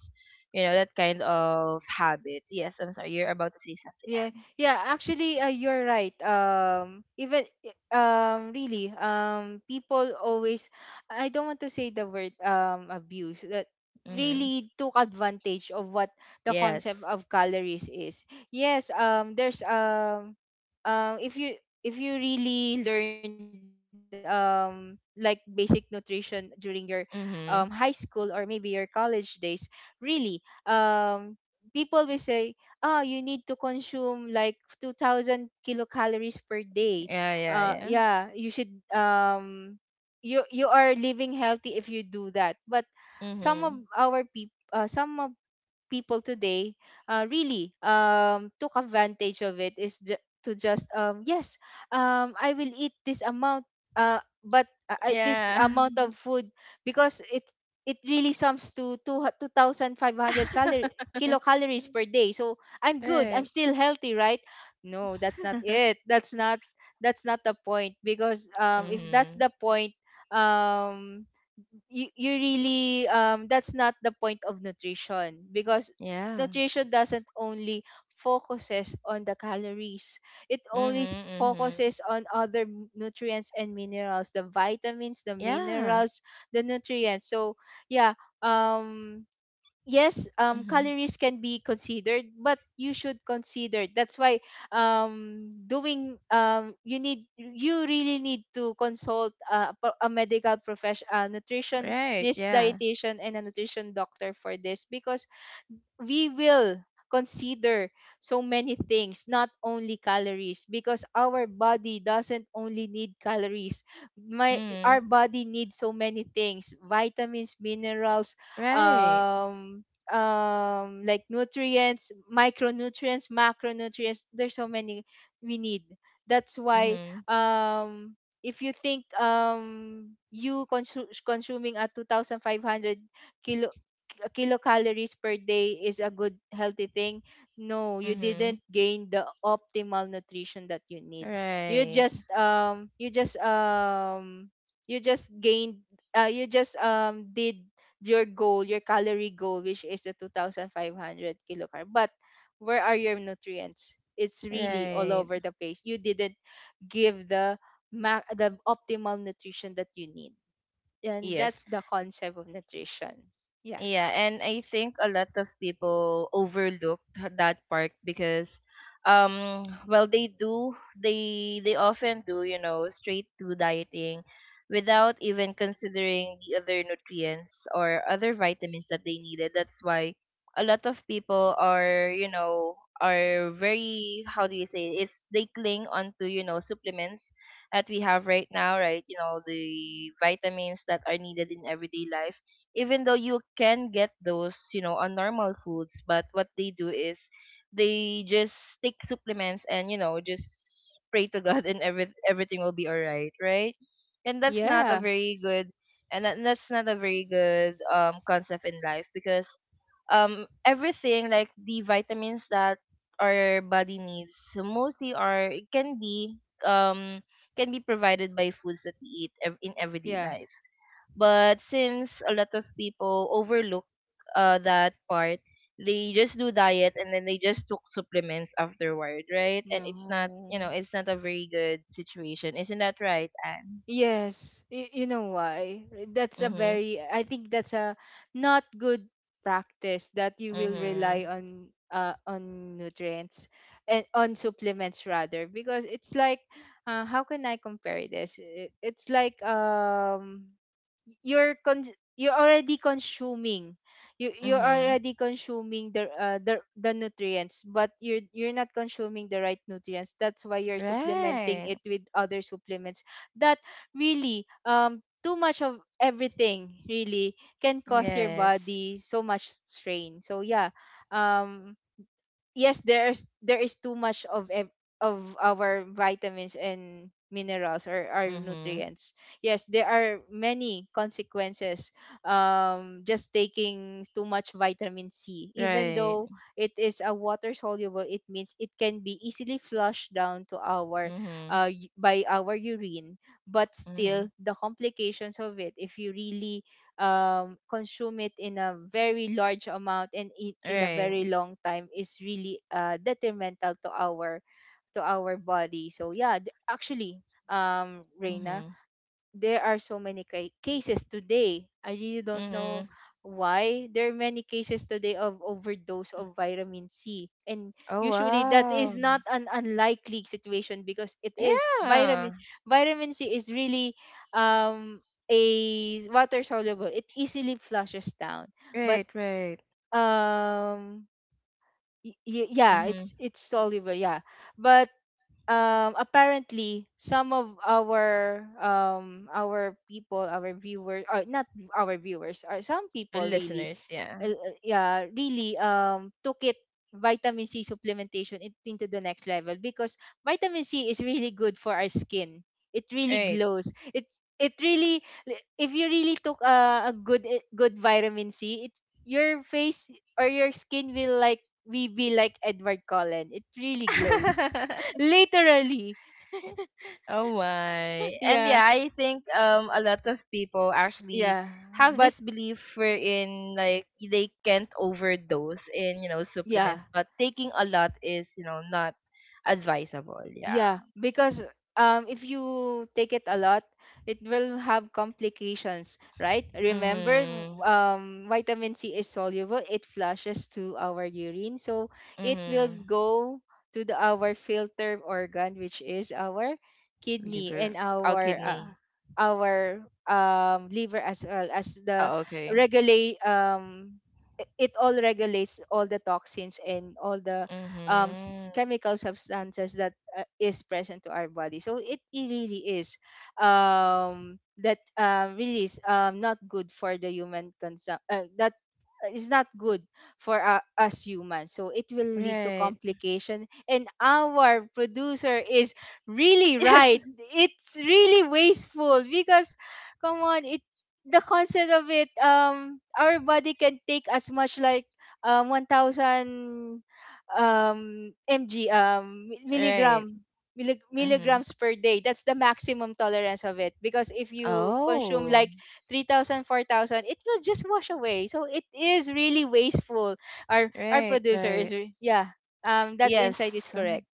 [SPEAKER 1] you know, that kind of habit. Yes, I'm sorry, you're about to say
[SPEAKER 2] Yeah,
[SPEAKER 1] something.
[SPEAKER 2] yeah. Actually, you're right. Even, really, people always. I don't want to say the word, abuse. That
[SPEAKER 1] Anne. Mm-hmm.
[SPEAKER 2] really took advantage of what the concept
[SPEAKER 1] Yes.
[SPEAKER 2] of calories is. Yes. There's, if you really learned, like, basic nutrition during your high
[SPEAKER 1] Mhm.
[SPEAKER 2] school or maybe your college days, really, people will say, oh, you need to consume like 2000 kilocalories per day.
[SPEAKER 1] Yeah, yeah, yeah.
[SPEAKER 2] Yeah, you should, you are living healthy if you do that. But some of
[SPEAKER 1] Mhm.
[SPEAKER 2] our people, some of people today, really, took advantage of it, is, ju- to just, yes, I will eat this amount, this
[SPEAKER 1] Yeah.
[SPEAKER 2] amount of food because it really sums to 2,500 calorie kilocalories per day, so I'm good, I'm
[SPEAKER 1] Right.
[SPEAKER 2] still healthy, right? No, that's not it, that's not the point. Because, if that's
[SPEAKER 1] Mhm.
[SPEAKER 2] the point, um you really, that's not the point of nutrition, because
[SPEAKER 1] Yeah.
[SPEAKER 2] nutrition doesn't only focuses on the calories, it always
[SPEAKER 1] Mhm. Mhm.
[SPEAKER 2] focuses on other, nutrients and minerals, the vitamins, the
[SPEAKER 1] Yeah.
[SPEAKER 2] minerals, the nutrients. So yeah, um yes,
[SPEAKER 1] Mhm.
[SPEAKER 2] calories can be considered, but you should consider, that's why, doing, you really need to consult, a medical profession,
[SPEAKER 1] Right.
[SPEAKER 2] nutritionist,
[SPEAKER 1] Yeah.
[SPEAKER 2] dietitian, and a nutrition doctor, for this. Because we will consider so many things, not only calories, because our body doesn't only need calories. My Our
[SPEAKER 1] Mhm.
[SPEAKER 2] body needs so many things, vitamins, minerals,
[SPEAKER 1] Right.
[SPEAKER 2] um like nutrients, micronutrients, macronutrients, there's so many we need. That's why,
[SPEAKER 1] Mhm.
[SPEAKER 2] um if you think, you, consuming a 2500 kilo kilocalories per day is a good healthy thing, no, you didn't
[SPEAKER 1] Mhm.
[SPEAKER 2] gain the optimal nutrition that you need. You
[SPEAKER 1] Right.
[SPEAKER 2] just, you just you just gained you just did your goal, your calorie goal, which is the 2500 kilocarb. But where are your nutrients? It's really all
[SPEAKER 1] Right.
[SPEAKER 2] over the place. You didn't give the, the optimal nutrition that you need, and
[SPEAKER 1] Yes.
[SPEAKER 2] that's the concept of nutrition. Yeah.
[SPEAKER 1] Yeah, and I think a lot of people overlooked that part because well they do, they often do, you know, straight to dieting without even considering the other nutrients or other vitamins that they needed. That's why a lot of people are, you know, are very, how do you say, it's they cling onto, you know, supplements that we have right now, right? You know, the vitamins that are needed in everyday life even though you can get those, you know, on normal foods, but what they do is they just take supplements and, you know, just pray to God and everything will be all right, right? And that's not
[SPEAKER 2] Yeah.
[SPEAKER 1] a very good and that's not a very good concept in life because everything, like the vitamins that our body needs mostly are, it um can be provided by foods that we eat in everyday
[SPEAKER 2] Yeah.
[SPEAKER 1] life, but since a lot of people overlook that part, they just do diet and then they just took supplements afterward, right? And it's not, you
[SPEAKER 2] No.
[SPEAKER 1] know, it's not a very good situation. Isn't that right, Anne?
[SPEAKER 2] Yes, you know why? That's a
[SPEAKER 1] Mhm.
[SPEAKER 2] very, I think, that's a not good practice, that you will rely
[SPEAKER 1] Mhm.
[SPEAKER 2] on, on nutrients and on supplements, rather. Because it's like, how can I compare this? It's like you're con- you're already consuming. You're
[SPEAKER 1] Mhm.
[SPEAKER 2] already consuming the nutrients, but you're not consuming the right nutrients. That's why you're supplementing
[SPEAKER 1] Right.
[SPEAKER 2] it with other supplements that really, too much of everything really can cause your
[SPEAKER 1] Yes.
[SPEAKER 2] body so much strain. So yeah, um yes, there is too much of of our vitamins and minerals or our
[SPEAKER 1] Mhm.
[SPEAKER 2] nutrients. Yes, there are many consequences. Just taking too much vitamin C, even
[SPEAKER 1] Right.
[SPEAKER 2] though it is a water soluble, it means it can be easily flushed down to our
[SPEAKER 1] Mhm.
[SPEAKER 2] by our urine. But still,
[SPEAKER 1] Mhm.
[SPEAKER 2] the complications of it, if you really consume it in a very large amount and eat in a
[SPEAKER 1] Right.
[SPEAKER 2] very long time, is really detrimental to our body. So yeah, actually, Reina,
[SPEAKER 1] Mhm.
[SPEAKER 2] there are so many cases today. I really don't know
[SPEAKER 1] Mhm.
[SPEAKER 2] why there are many cases today of overdose of vitamin C. And
[SPEAKER 1] Oh
[SPEAKER 2] usually that is
[SPEAKER 1] wow.
[SPEAKER 2] not an unlikely situation because it is
[SPEAKER 1] Yeah.
[SPEAKER 2] vitamin C is really um a water soluble. It easily flushes down. But
[SPEAKER 1] Right. Right.
[SPEAKER 2] um yeah,
[SPEAKER 1] Mhm.
[SPEAKER 2] it's soluble, yeah, but apparently some of our people, our viewers, or not our viewers, or some people really
[SPEAKER 1] Listeners. Yeah.
[SPEAKER 2] yeah, really took it, vitamin C supplementation, into the next level because vitamin C is really good for our skin. It really
[SPEAKER 1] Right.
[SPEAKER 2] glows it. It really, if you really took a good good vitamin C, it your face or your skin will like we be like Edward Cullen. It really glows. Literally.
[SPEAKER 1] Oh my. And
[SPEAKER 2] Yeah.
[SPEAKER 1] yeah, I think a lot of people actually
[SPEAKER 2] Yeah.
[SPEAKER 1] have
[SPEAKER 2] But
[SPEAKER 1] this belief wherein like they can't overdose in, you know,
[SPEAKER 2] yeah,
[SPEAKER 1] supplements, but taking a lot is, you know, not advisable.
[SPEAKER 2] Yeah,
[SPEAKER 1] Yeah.
[SPEAKER 2] because if you take it a lot, it will have complications, right? Remember,
[SPEAKER 1] Mhm.
[SPEAKER 2] vitamin C is soluble; it flushes to our urine, so it will
[SPEAKER 1] Mhm.
[SPEAKER 2] go to the, our filter organ, which is our kidney and
[SPEAKER 1] Liver. Oh, kidney.
[SPEAKER 2] our liver, as well as the
[SPEAKER 1] Oh, okay.
[SPEAKER 2] regulate it all regulates all the toxins and all the
[SPEAKER 1] Mhm.
[SPEAKER 2] chemical substances that is present to our body. So it really is that really is, not good for the human consumption. That is not good for us humans. So it will lead to
[SPEAKER 1] Right.
[SPEAKER 2] complication. And our producer is really
[SPEAKER 1] Yes.
[SPEAKER 2] right. It's really wasteful because, come on, it the concept of it. Our body can take as much like 1,000 mg,
[SPEAKER 1] Right. Mhm.
[SPEAKER 2] milligrams per day. That's the maximum tolerance of it because if you consume
[SPEAKER 1] Oh.
[SPEAKER 2] like 3,000, 4,000, it will just wash away, so it is really wasteful. Our
[SPEAKER 1] Right,
[SPEAKER 2] producer is
[SPEAKER 1] right.
[SPEAKER 2] yeah, that
[SPEAKER 1] Yes.
[SPEAKER 2] insight is correct.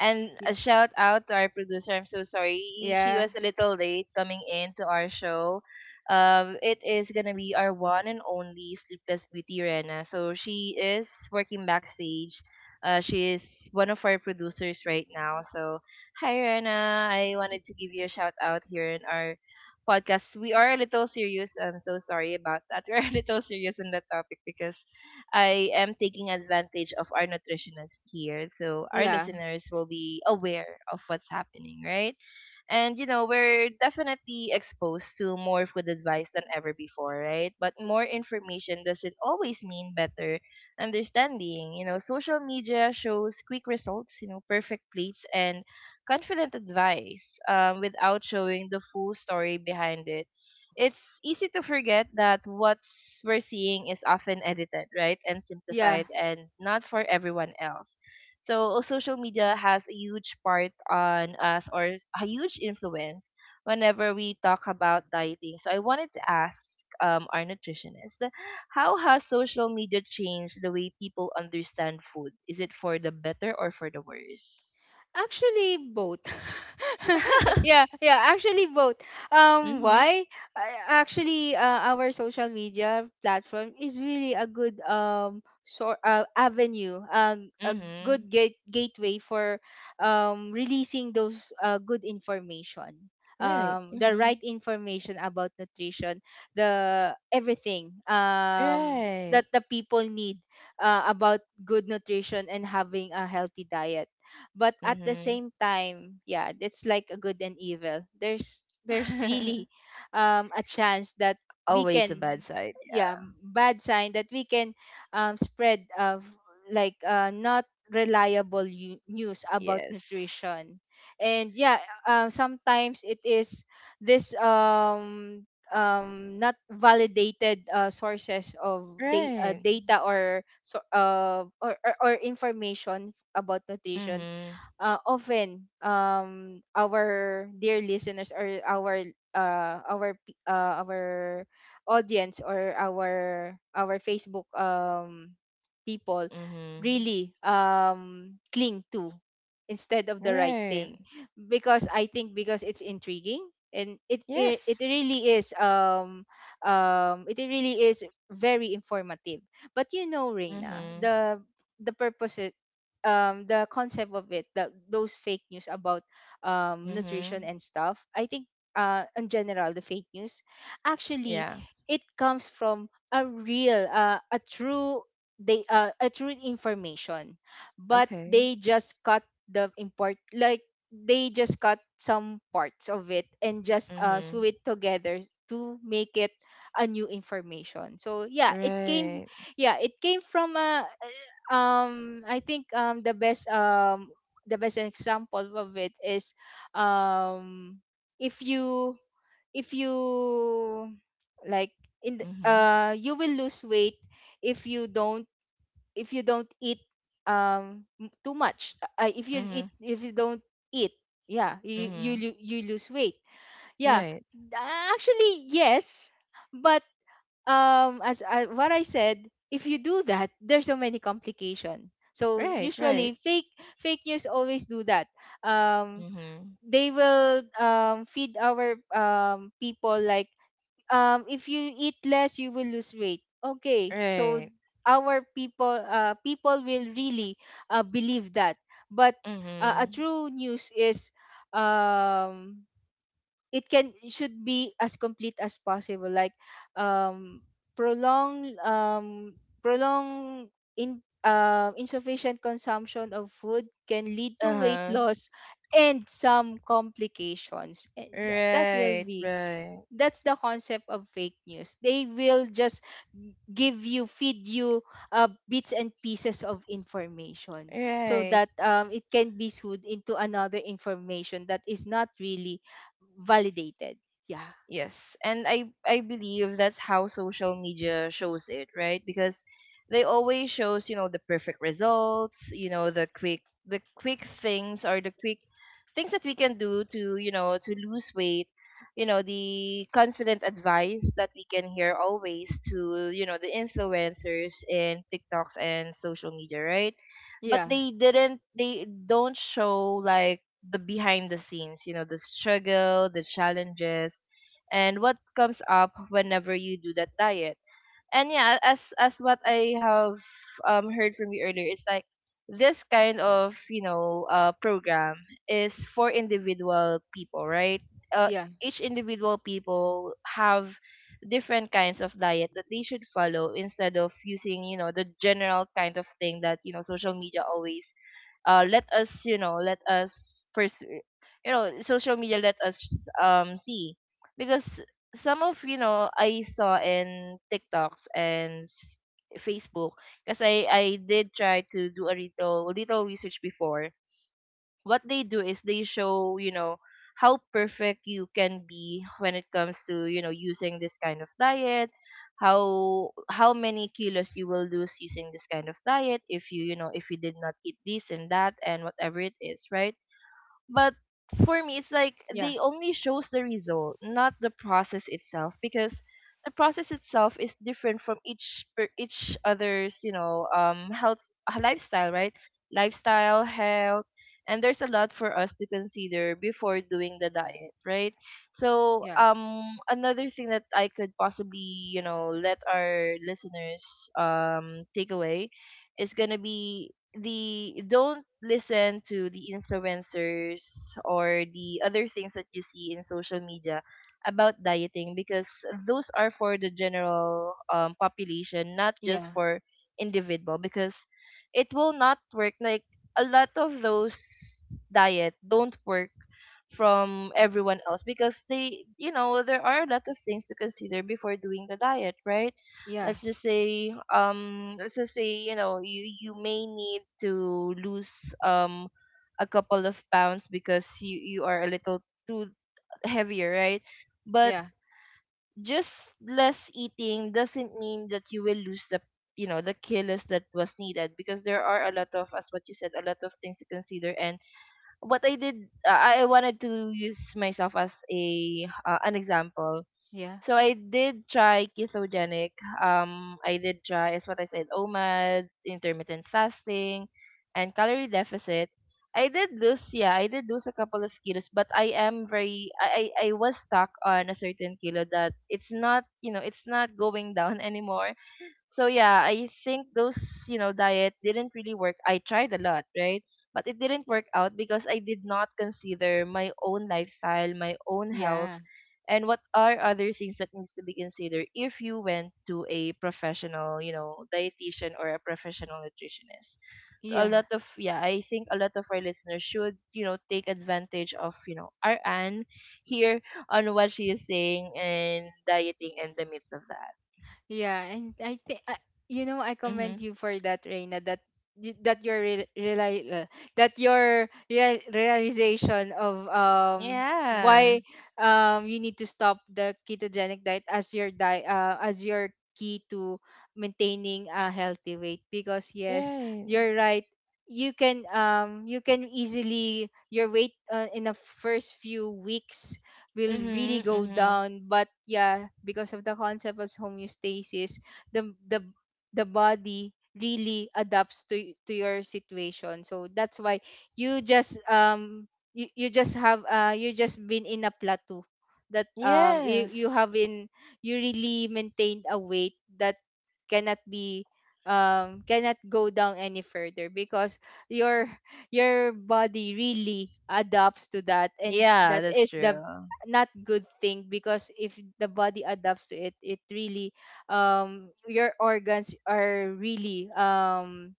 [SPEAKER 1] And
[SPEAKER 2] Y-
[SPEAKER 1] a shout out to our producer. I'm so sorry. She
[SPEAKER 2] yeah
[SPEAKER 1] was a little late coming in to our show. It is gonna be our one and only Sleepless Beauty Rena. So she is working backstage. She is one of our producers right now. So hi Rena. I wanted to give you a shout out here in our podcast. We are a little serious. I'm so sorry about that. We're a little serious in the topic because I am taking advantage of our nutritionist here. So our
[SPEAKER 2] yeah
[SPEAKER 1] listeners will be aware of what's happening, right? And you know, we're definitely exposed to more food advice than ever before, right? But more information doesn't always mean better understanding. You know, social media shows quick results, you know, perfect plates and confident advice without showing the full story behind it. It's easy to forget that what we're seeing is often edited, right, and
[SPEAKER 2] yeah.
[SPEAKER 1] simplified and not for everyone else, so social media has a huge part on us, or a huge influence whenever we talk about dieting. So I wanted to ask our nutritionist, how has social media changed the way people understand food? Is it for the better or for the worse?
[SPEAKER 2] Actually, both. Yeah, actually both.
[SPEAKER 1] Mhm.
[SPEAKER 2] Why? Actually, our social media platform is really a good sort avenue, a good
[SPEAKER 1] Mhm.
[SPEAKER 2] gate- gateway for releasing those good information.
[SPEAKER 1] Right.
[SPEAKER 2] The right
[SPEAKER 1] Mhm.
[SPEAKER 2] information about nutrition, the everything
[SPEAKER 1] Right.
[SPEAKER 2] that the people need about good nutrition and having a healthy diet. But at the
[SPEAKER 1] Mhm.
[SPEAKER 2] same time, yeah, it's like a good and evil. There's really a chance that we
[SPEAKER 1] Always a
[SPEAKER 2] can,
[SPEAKER 1] bad side.
[SPEAKER 2] yeah, bad sign that we can spread of like not reliable news about
[SPEAKER 1] Yes.
[SPEAKER 2] nutrition. And yeah, sometimes it is this not validated sources of
[SPEAKER 1] Right.
[SPEAKER 2] data, or so or information about nutrition.
[SPEAKER 1] Mhm.
[SPEAKER 2] Often our dear listeners, or our our audience, or our Facebook people
[SPEAKER 1] Mhm.
[SPEAKER 2] really cling to, instead of the right
[SPEAKER 1] Right.
[SPEAKER 2] thing, because I think because it's intriguing. And it
[SPEAKER 1] Yes.
[SPEAKER 2] really is, it really is very informative. But you know, Reina,
[SPEAKER 1] Mhm.
[SPEAKER 2] the purpose, the concept of it, that those fake news about nutrition
[SPEAKER 1] Mhm.
[SPEAKER 2] and stuff, I think, in general, the fake news actually
[SPEAKER 1] Yeah.
[SPEAKER 2] it comes from a real a true, they a true information, but
[SPEAKER 1] Okay.
[SPEAKER 2] they just cut the import like they just cut some parts of it and just sew
[SPEAKER 1] Mhm.
[SPEAKER 2] it together to make it a new information. So yeah, it came,
[SPEAKER 1] Right.
[SPEAKER 2] yeah, it came from a, I think, the best, the best example of it is um if you, if you like,
[SPEAKER 1] Mhm.
[SPEAKER 2] you will lose weight if you don't, if you don't eat too much. If you eat,
[SPEAKER 1] Mhm.
[SPEAKER 2] if you don't eat, yeah, you
[SPEAKER 1] Mhm.
[SPEAKER 2] you lose weight, yeah.
[SPEAKER 1] Right.
[SPEAKER 2] Actually, yes, but as I, what I said, if you do that, there's so many complication. So
[SPEAKER 1] Right. Right.
[SPEAKER 2] usually fake news always do that. Um,
[SPEAKER 1] Mhm.
[SPEAKER 2] they will feed our people like, if you eat less, you will lose weight. Okay, so
[SPEAKER 1] Right.
[SPEAKER 2] our people, people will really believe that. But a
[SPEAKER 1] Mhm.
[SPEAKER 2] true news is um, it can should be as complete as possible, like um prolong um prolong in insufficient consumption of food can lead
[SPEAKER 1] Uh
[SPEAKER 2] to weight
[SPEAKER 1] huh.
[SPEAKER 2] loss and some complications. That, that will
[SPEAKER 1] Right.
[SPEAKER 2] be,
[SPEAKER 1] Right.
[SPEAKER 2] that's the concept of fake news. They will just give you, feed you, bits and pieces of information so
[SPEAKER 1] Right.
[SPEAKER 2] that it can be sued into another information that is not really validated. Yeah
[SPEAKER 1] Yes, and I believe that's how social media shows it, right? Because they always shows, you know, the perfect results, you know, the quick things, or the quick things that we can do to, you know, to lose weight, you know, the confident advice that we can hear always, to, you know, the influencers in TikToks and social media, right? But
[SPEAKER 2] yeah
[SPEAKER 1] they don't show like the behind the scenes, you know, the struggle, the challenges and what comes up whenever you do that diet. And yeah, as what I have heard from you earlier, it's like this kind of, you know, program is for individual people, right? Uh,
[SPEAKER 2] yeah
[SPEAKER 1] each individual people have different kinds of diet that they should follow instead of using, you know, the general kind of thing that, you know, social media always let us, you know, let us pursue, you know, social media let us see because some of, you know, I saw in TikToks and Facebook, because I did try to do a little research before. What they do is they show, you know, how perfect you can be when it comes to, you know, using this kind of diet, how many kilos you will lose using this kind of diet if you, you know, if you did not eat this and that and whatever it is, right? But for me, it's like
[SPEAKER 2] yeah
[SPEAKER 1] they only shows the result, not the process itself, because the process itself is different from each each other's, you know, health lifestyle, right? Lifestyle, health, and there's a lot for us to consider before doing the diet, right? So,
[SPEAKER 2] yeah
[SPEAKER 1] another thing that I could possibly, you know, let our listeners take away is gonna be the don't listen to the influencers or the other things that you see in social media about dieting because those are for the general population, not just
[SPEAKER 2] yeah
[SPEAKER 1] for individual, because it will not work. Like a lot of those diet don't work from everyone else because they, you know, there are a lot of things to consider before doing the diet, right?
[SPEAKER 2] yeah
[SPEAKER 1] Let's just say, um, you know, you may need to lose um a couple of pounds because you are a little too heavier, right? But
[SPEAKER 2] yeah
[SPEAKER 1] just less eating doesn't mean that you will lose the, you know, the kilos that was needed, because there are a lot of, as what you said, a lot of things to consider. And what I did, I wanted to use myself as a an example.
[SPEAKER 2] yeah
[SPEAKER 1] So I did try ketogenic. I did try, as what I said, OMAD, intermittent fasting, and calorie deficit. I did lose, yeah, I did lose a couple of kilos, but I am very, I was stuck on a certain kilo that it's not, you know, it's not going down anymore. So yeah, I think those, you know, diet didn't really work. I tried a lot, right? But it didn't work out because I did not consider my own lifestyle, my own health,
[SPEAKER 2] yeah
[SPEAKER 1] and what are other things that needs to be considered if you went to a professional, you know, dietitian or a professional nutritionist. So a
[SPEAKER 2] yeah
[SPEAKER 1] lot of, yeah, I think a lot of our listeners should, you know, take advantage of, you know, our Anne here on what she is saying and dieting and the myths of that.
[SPEAKER 2] Yeah, and I think, you know, I
[SPEAKER 1] Mm-hmm.
[SPEAKER 2] commend you for that, Reina. That that your that your realization of
[SPEAKER 1] Yeah.
[SPEAKER 2] why you need to stop the ketogenic diet as your diet, as your key to maintaining a healthy weight. Because yes,
[SPEAKER 1] Right.
[SPEAKER 2] you're right, you can, you can easily your weight, in the first few weeks will really
[SPEAKER 1] Mhm.
[SPEAKER 2] go
[SPEAKER 1] Mhm.
[SPEAKER 2] down. But yeah, because of the concept of homeostasis, the the the body really adapts to to your situation. So that's why you just you, you just have, you just been in a plateau that you,
[SPEAKER 1] Yes.
[SPEAKER 2] you have in, you really maintained a weight that cannot be cannot go down any further because your body really adapts to that, and
[SPEAKER 1] Yeah,
[SPEAKER 2] that
[SPEAKER 1] that's
[SPEAKER 2] is the
[SPEAKER 1] true.
[SPEAKER 2] not good thing. Because if the body adapts to it, it really your organs are really um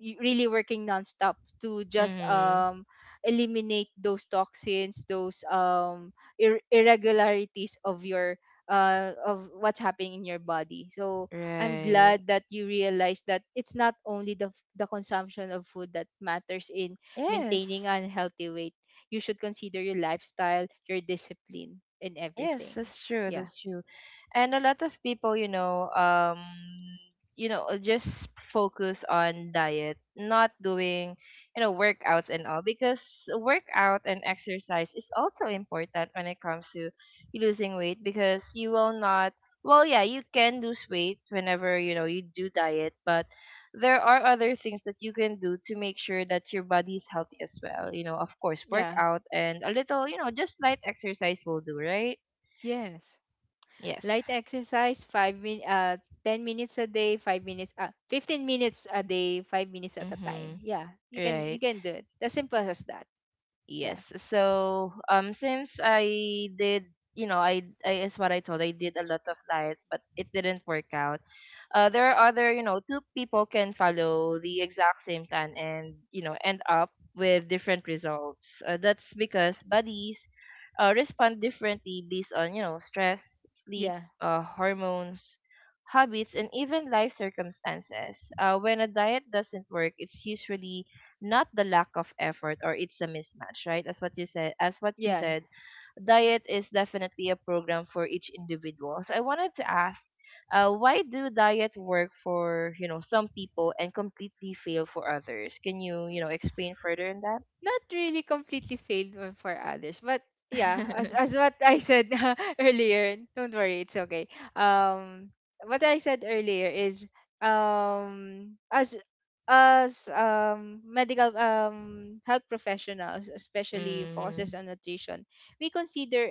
[SPEAKER 2] y- really working nonstop to just
[SPEAKER 1] Mhm.
[SPEAKER 2] eliminate those toxins, those irregularities of your of what's happening in your body. So I'm
[SPEAKER 1] Right.
[SPEAKER 2] glad that you realize that it's not only the the consumption of food that matters in maintaining
[SPEAKER 1] Yes.
[SPEAKER 2] a healthy weight. You should consider your lifestyle, your discipline, and
[SPEAKER 1] Yes,
[SPEAKER 2] everything.
[SPEAKER 1] that's true.
[SPEAKER 2] Yeah.
[SPEAKER 1] That's true. And a lot of people, you know, just focus on diet, not doing, you know, workouts and all, because workout and exercise is also important when it comes to losing weight, because you will not, well, yeah, you can lose weight whenever, you know, you do diet, but there are other things that you can do to make sure that your body is healthy as well. You know, of course,
[SPEAKER 2] Yeah.
[SPEAKER 1] workout and a little, you know, just light exercise will do, right?
[SPEAKER 2] Yes,
[SPEAKER 1] Yes.
[SPEAKER 2] light exercise, five min 10 minutes a day, 5 minutes 15 minutes a day, 5 minutes at a time.
[SPEAKER 1] Mm-hmm.
[SPEAKER 2] Yeah, you can,
[SPEAKER 1] Right.
[SPEAKER 2] do it as simple as that. Yeah.
[SPEAKER 1] Yes. So, since I did, you know, I is what I told. I did a lot of diets, but it didn't work out. There are other: two people can follow the exact same plan and end up with different results. That's because bodies respond differently based on stress, sleep,
[SPEAKER 2] Yeah.
[SPEAKER 1] hormones, habits, and even life circumstances. When a diet doesn't work, it's usually not the lack of effort or it's a mismatch, right? As what you said, as what she
[SPEAKER 2] Yeah,
[SPEAKER 1] said, diet is definitely a program for each individual. So I wanted to ask, why do diet work for some people and completely fail for others? Can you you know explain further in that?
[SPEAKER 2] not really completely failed one for others, but yeah, as what I said earlier, don't worry, it's okay. um what I said earlier is um as as medical health professionals, especially focuses
[SPEAKER 1] mm,
[SPEAKER 2] on nutrition, we consider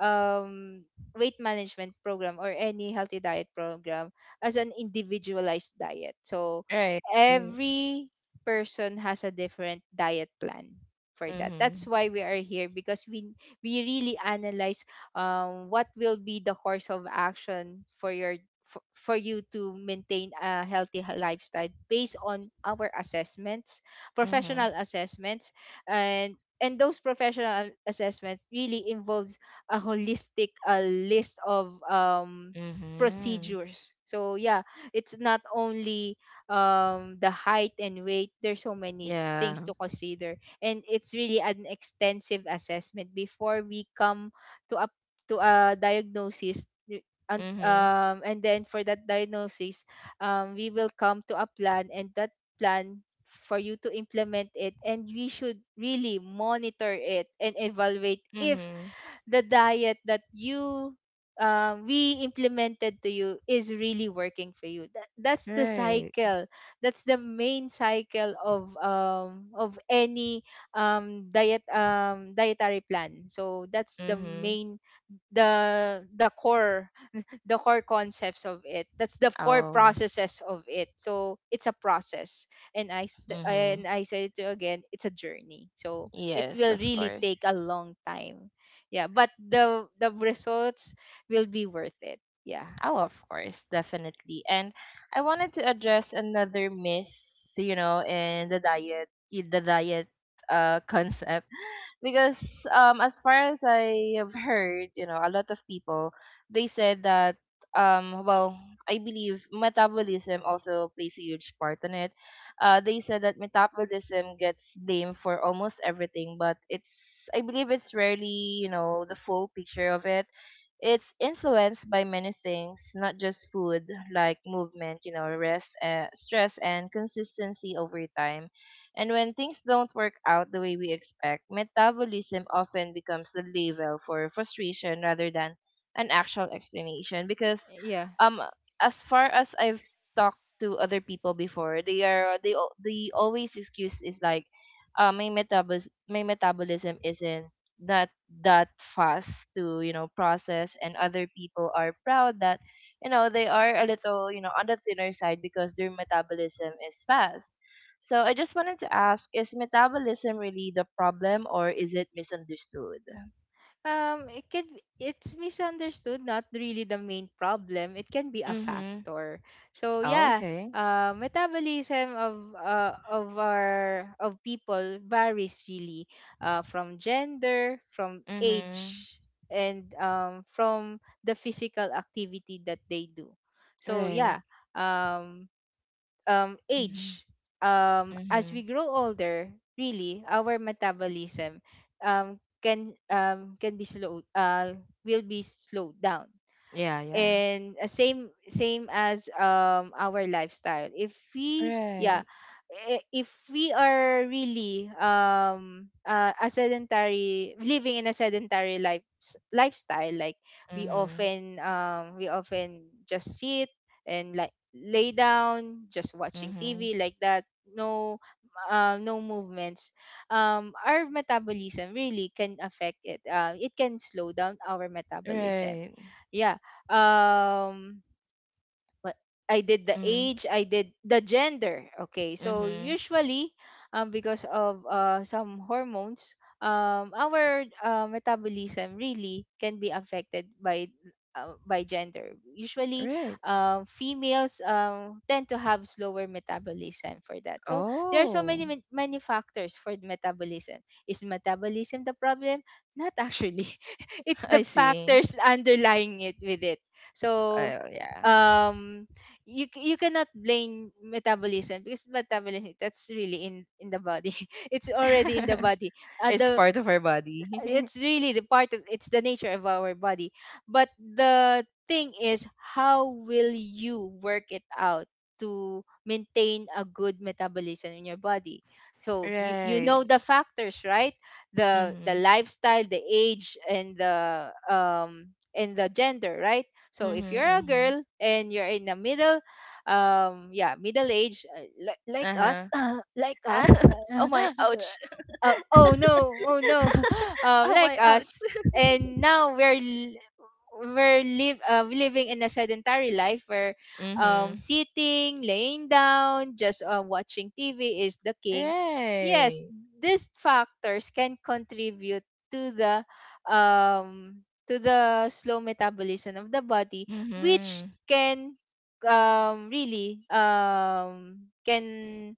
[SPEAKER 2] um weight management program or any healthy diet program as an individualized diet. So
[SPEAKER 1] right.
[SPEAKER 2] every person has a different diet plan for that. That's
[SPEAKER 1] Mm-hmm.
[SPEAKER 2] why we are here, because we really analyze what will be the course of action for your for you to maintain a healthy lifestyle based on our assessments,
[SPEAKER 1] Mm-hmm.
[SPEAKER 2] professional assessments, and those professional assessments really involves a holistic list of
[SPEAKER 1] Mm-hmm.
[SPEAKER 2] procedures. So yeah, it's not only the height and weight, there's so many
[SPEAKER 1] Yeah.
[SPEAKER 2] things to consider, and it's really an extensive assessment before we come to a, to a diagnosis,
[SPEAKER 1] Mm-hmm.
[SPEAKER 2] and then for that diagnosis, we will come to a plan, and that plan for you to implement it, and we should really monitor it and evaluate if
[SPEAKER 1] Mm-hmm.
[SPEAKER 2] the diet that you, we implemented to you, is really working for you. That, that's the
[SPEAKER 1] Right.
[SPEAKER 2] cycle. That's the main cycle of, of any, diet, dietary plan. So that's the
[SPEAKER 1] Mm-hmm.
[SPEAKER 2] main, the core, the core concepts of it, that's the core
[SPEAKER 1] Oh.
[SPEAKER 2] processes of it. So it's a process, and
[SPEAKER 1] Mm-hmm.
[SPEAKER 2] and I said it to you again, it's a journey, so it
[SPEAKER 1] Yes,
[SPEAKER 2] will
[SPEAKER 1] of
[SPEAKER 2] really take
[SPEAKER 1] course.
[SPEAKER 2] a long time. Yeah, but the results will be worth it. Yeah.
[SPEAKER 1] Oh, of course, definitely. And I wanted to address another myth, you know, in the diet concept, because as far as I have heard, you know, a lot of people, they said that um well, I believe metabolism also plays a huge part in it. They said that metabolism gets blamed for almost everything, but it's, I believe it's rarely, you know, the full picture of it. It's influenced by many things, not just food, like movement, you know, rest, stress, and consistency over time. And when things don't work out the way we expect, metabolism often becomes the label for frustration rather than an actual explanation. Because,
[SPEAKER 2] Yeah,
[SPEAKER 1] um, as far as I've talked to other people before, they are they al- the always excuse is like, my metabolism isn't that that fast to process, and other people are proud that they are a little, on the thinner side, because their metabolism is fast. So I just wanted to ask, is metabolism really the problem, or is it misunderstood?
[SPEAKER 2] it can, it's misunderstood, not really the main problem, it can be a
[SPEAKER 1] Mm-hmm.
[SPEAKER 2] factor. So
[SPEAKER 1] Oh,
[SPEAKER 2] yeah,
[SPEAKER 1] okay.
[SPEAKER 2] metabolism of our of people varies really from gender, from
[SPEAKER 1] Mm-hmm.
[SPEAKER 2] age, and from the physical activity that they do. So
[SPEAKER 1] Right.
[SPEAKER 2] yeah, um,
[SPEAKER 1] Mm-hmm.
[SPEAKER 2] age. As
[SPEAKER 1] Mm-hmm.
[SPEAKER 2] we grow older, really, our metabolism, um, can, can be slow will be slowed down.
[SPEAKER 1] Yeah, yeah.
[SPEAKER 2] And same as, our lifestyle, if we, yeah,
[SPEAKER 1] Right.
[SPEAKER 2] if we are really, a sedentary, living in a sedentary lifestyle like, we
[SPEAKER 1] Mm-hmm.
[SPEAKER 2] often, we often just sit and like lay down, just watching
[SPEAKER 1] Mm-hmm.
[SPEAKER 2] TV, like that, no, no movements, our metabolism really can affect it, it can slow down our metabolism.
[SPEAKER 1] Right.
[SPEAKER 2] Yeah. um what, I did the
[SPEAKER 1] Mm-hmm.
[SPEAKER 2] age, I did the gender. Okay, so
[SPEAKER 1] Mm-hmm.
[SPEAKER 2] usually, because of some hormones, our, metabolism really can be affected by gender. Usually,
[SPEAKER 1] Right.
[SPEAKER 2] females tend to have slower metabolism for that. So there are so many
[SPEAKER 1] Oh.
[SPEAKER 2] many factors for the metabolism. Is metabolism the problem? Not actually. It's the
[SPEAKER 1] I see.
[SPEAKER 2] factors underlying it with it. So
[SPEAKER 1] Oh yeah.
[SPEAKER 2] um you cannot blame metabolism because metabolism, that's really in the body. It's already in the body.
[SPEAKER 1] It's
[SPEAKER 2] The
[SPEAKER 1] part of our body.
[SPEAKER 2] It's really the part of, it's the nature of our body, but the thing is, how will you work it out to maintain a good metabolism in your body? So you
[SPEAKER 1] Right.
[SPEAKER 2] know the factors, right? The
[SPEAKER 1] Mhm.
[SPEAKER 2] lifestyle, the age, and the gender, right? So if you're
[SPEAKER 1] Mhm.
[SPEAKER 2] a
[SPEAKER 1] Mhm.
[SPEAKER 2] girl and you're in the middle, yeah, middle age, like
[SPEAKER 1] Uh-huh.
[SPEAKER 2] us, like
[SPEAKER 1] Ah,
[SPEAKER 2] us.
[SPEAKER 1] oh my, ouch.
[SPEAKER 2] oh oh no oh no
[SPEAKER 1] Oh
[SPEAKER 2] Like
[SPEAKER 1] my, ouch.
[SPEAKER 2] us. And now we're live, living in a sedentary life where
[SPEAKER 1] Mhm.
[SPEAKER 2] sitting, laying down, just watching TV is the king. Yes,
[SPEAKER 1] Right.
[SPEAKER 2] these factors can contribute to the, um to the slow metabolism of the body, which
[SPEAKER 1] Mhm.
[SPEAKER 2] can really can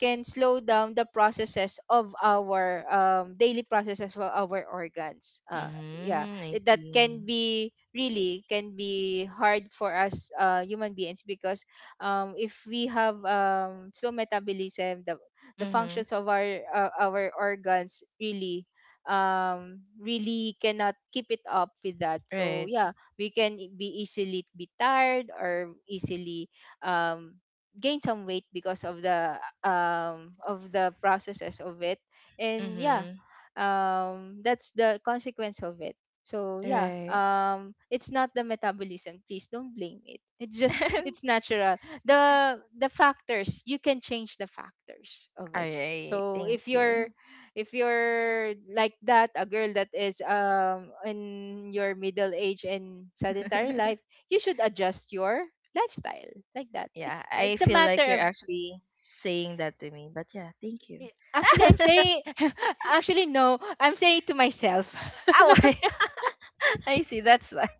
[SPEAKER 2] can slow down the processes of our daily processes for our organs. Yeah,
[SPEAKER 1] Mhm. I
[SPEAKER 2] that can
[SPEAKER 1] see.
[SPEAKER 2] be really, can be hard for us human beings because if we have slow metabolism, the
[SPEAKER 1] Mhm.
[SPEAKER 2] functions of our organs really really cannot keep it up with that.
[SPEAKER 1] Right.
[SPEAKER 2] So yeah, we can be easily be tired or easily um gain some weight because of the, of the processes of it. And yeah,
[SPEAKER 1] Mhm.
[SPEAKER 2] that's the consequence of it. So yeah,
[SPEAKER 1] Right.
[SPEAKER 2] it's not the metabolism, please don't blame it, it's just, it's natural. The factors, you can change the factors of
[SPEAKER 1] All
[SPEAKER 2] it.
[SPEAKER 1] right.
[SPEAKER 2] So
[SPEAKER 1] Thank
[SPEAKER 2] if you're,
[SPEAKER 1] you.
[SPEAKER 2] if you're like that, a girl that is in your middle age and sedentary life, you should adjust your lifestyle like that.
[SPEAKER 1] Yeah,
[SPEAKER 2] it's
[SPEAKER 1] I
[SPEAKER 2] it's a
[SPEAKER 1] feel like
[SPEAKER 2] matter
[SPEAKER 1] you're
[SPEAKER 2] of,
[SPEAKER 1] actually saying that to me, but yeah, thank you.
[SPEAKER 2] actually I'm saying, actually no, I'm saying to myself.
[SPEAKER 1] Ow! I see. That's why.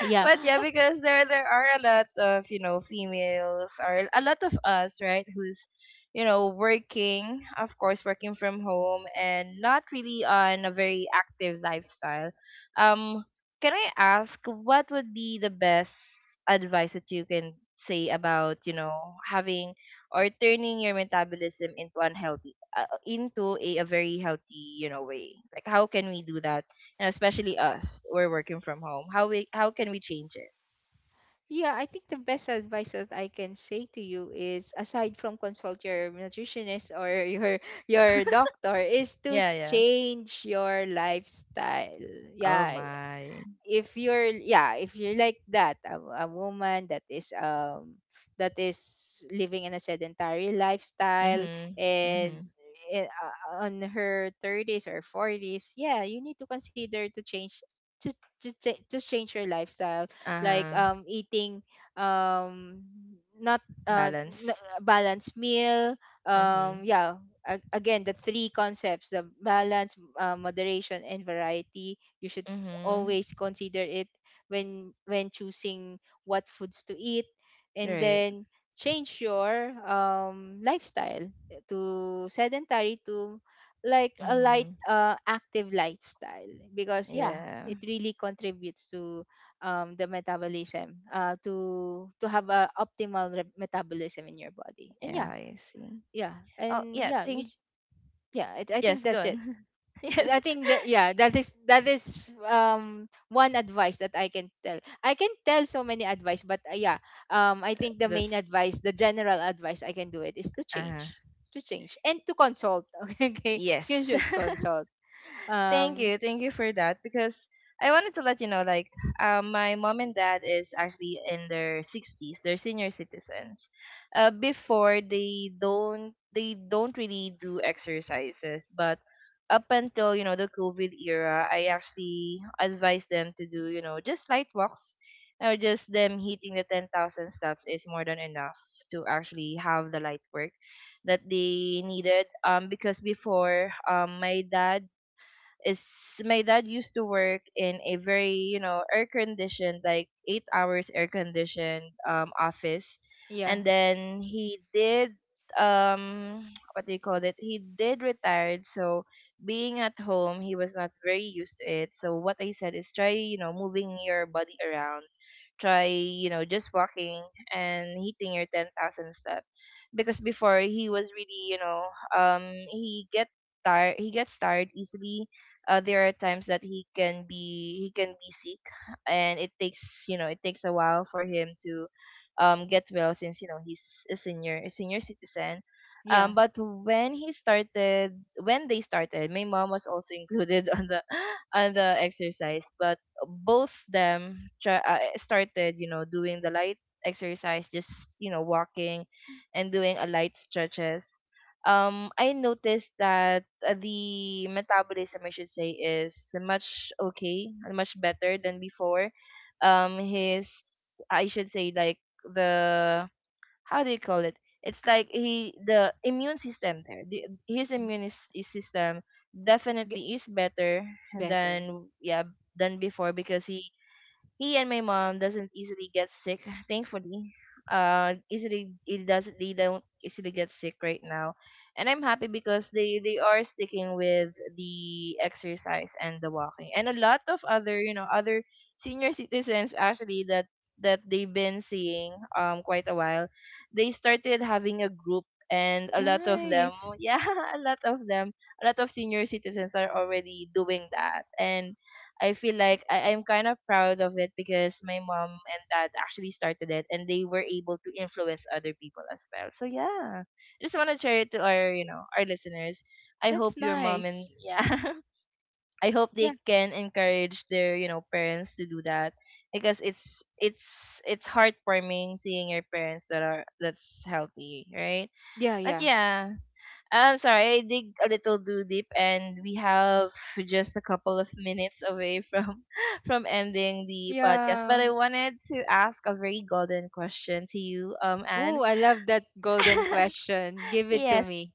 [SPEAKER 2] Yeah,
[SPEAKER 1] But yeah, because there are a lot of, you know, females, or a lot of us, right, who's, you know, working, of course, working from home and not really on a very active lifestyle. Um, can I ask, what would be the best advice that you can say about, you know, having or turning your metabolism into unhealthy, uh, into a very healthy, you know, way? Like, how can we do that, and especially us, we're working from home. How can we change it?
[SPEAKER 2] yeah, I think the best advice that I can say to you is, aside from consult your nutritionist or your doctor, is to
[SPEAKER 1] Yeah, yeah.
[SPEAKER 2] change your lifestyle.
[SPEAKER 1] Oh
[SPEAKER 2] Yeah,
[SPEAKER 1] my.
[SPEAKER 2] if you're, yeah, if you're like that, a woman that is living in a sedentary lifestyle
[SPEAKER 1] Mhm.
[SPEAKER 2] and
[SPEAKER 1] Mhm.
[SPEAKER 2] on her 30s or 40s, yeah, you need to consider to change to to change your lifestyle, like
[SPEAKER 1] Uh-huh.
[SPEAKER 2] eating, um not uh n-
[SPEAKER 1] Balance.
[SPEAKER 2] balanced meal.
[SPEAKER 1] Mhm.
[SPEAKER 2] Yeah, again, the three concepts, the balance, moderation, and variety, you should
[SPEAKER 1] Mhm.
[SPEAKER 2] always consider it when choosing what foods to eat. And
[SPEAKER 1] Right.
[SPEAKER 2] then change your lifestyle, to sedentary to, like a light
[SPEAKER 1] Mhm.
[SPEAKER 2] active lifestyle, because yeah,
[SPEAKER 1] Yeah.
[SPEAKER 2] it really contributes to the metabolism, to have a optimal metabolism in your body. And
[SPEAKER 1] Yeah,
[SPEAKER 2] yeah,
[SPEAKER 1] I see.
[SPEAKER 2] yeah,
[SPEAKER 1] Oh,
[SPEAKER 2] and
[SPEAKER 1] yeah,
[SPEAKER 2] yeah,
[SPEAKER 1] think,
[SPEAKER 2] yeah, I think
[SPEAKER 1] yes, go
[SPEAKER 2] that's it.
[SPEAKER 1] on. Yes.
[SPEAKER 2] I think that, yeah, that is, that is one advice that I can tell. I can tell so many advice, but yeah, I think the main
[SPEAKER 1] That's
[SPEAKER 2] advice, the general advice I can do, it is
[SPEAKER 1] uh
[SPEAKER 2] to change and to consult. Okay,
[SPEAKER 1] yes.
[SPEAKER 2] you should consult.
[SPEAKER 1] Thank
[SPEAKER 2] Um
[SPEAKER 1] you. Thank you for that, because I wanted to let you know, like, my mom and dad is actually in their 60s. They're senior citizens. Before, they don't really do exercises, but up until, you know, the COVID era, I actually advised them to do, you know, just light walks. Or just them hitting the 10,000 steps is more than enough to actually have the light work that they needed, because before, my dad is my dad used to work in a very, you know, air conditioned, like 8 hours air conditioned office.
[SPEAKER 2] yeah,
[SPEAKER 1] And then he did, um what do you call it, he did retired. So being at home, he was not very used to it, so what I said is, try, you know, moving your body around, try, you know, just walking, and hitting your 10,000 step, because before he was really, you know, um he get tired, he gets tired easily. There are times that he can be sick, and it takes, you know, it takes a while for him to get well, since, you know, he's a senior citizen.
[SPEAKER 2] yeah,
[SPEAKER 1] But when he started, when they started, my mom was also included on the on the exercise. But both them try, started, you know, doing the light exercise, just, you know, walking, and doing a light stretches. I noticed that, the metabolism, I should say, is much okay, much better than before. His, I should say, like, the, how do you call it? It's like he, the immune system there. His
[SPEAKER 2] y-
[SPEAKER 1] immune is system
[SPEAKER 2] get
[SPEAKER 1] definitely is better
[SPEAKER 2] better.
[SPEAKER 1] than, yeah, than before, because he and my mom doesn't easily get sick, thankfully. Easily it doesn't, they don't easily get sick right now, and I'm happy because they are sticking with the exercise and the walking, and a lot of other, you know, other senior citizens actually that, that they've been seeing quite a while, they started having a group. And a lot of them,
[SPEAKER 2] Nice.
[SPEAKER 1] yeah, a lot of them, a lot of senior citizens are already doing that. And I feel like I'm kind of proud of it because my mom and dad actually started it and they were able to influence other people as well. So yeah. I just wanna share it to our, you know, our listeners. I
[SPEAKER 2] That's
[SPEAKER 1] hope your mom, and
[SPEAKER 2] nice.
[SPEAKER 1] yeah. I hope they
[SPEAKER 2] Yeah,
[SPEAKER 1] can encourage their, you know, parents to do that, because it's it's heartwarming seeing your parents that are, that's healthy, right?
[SPEAKER 2] yeah,
[SPEAKER 1] But
[SPEAKER 2] yeah,
[SPEAKER 1] yeah, I'm sorry, I dig a little too deep, and we have just a couple of minutes away from from ending the podcast. But
[SPEAKER 2] yeah.
[SPEAKER 1] I wanted to ask a very golden question to you, Anne.
[SPEAKER 2] Oh, I love that golden question. Give it to
[SPEAKER 1] Yes,
[SPEAKER 2] me.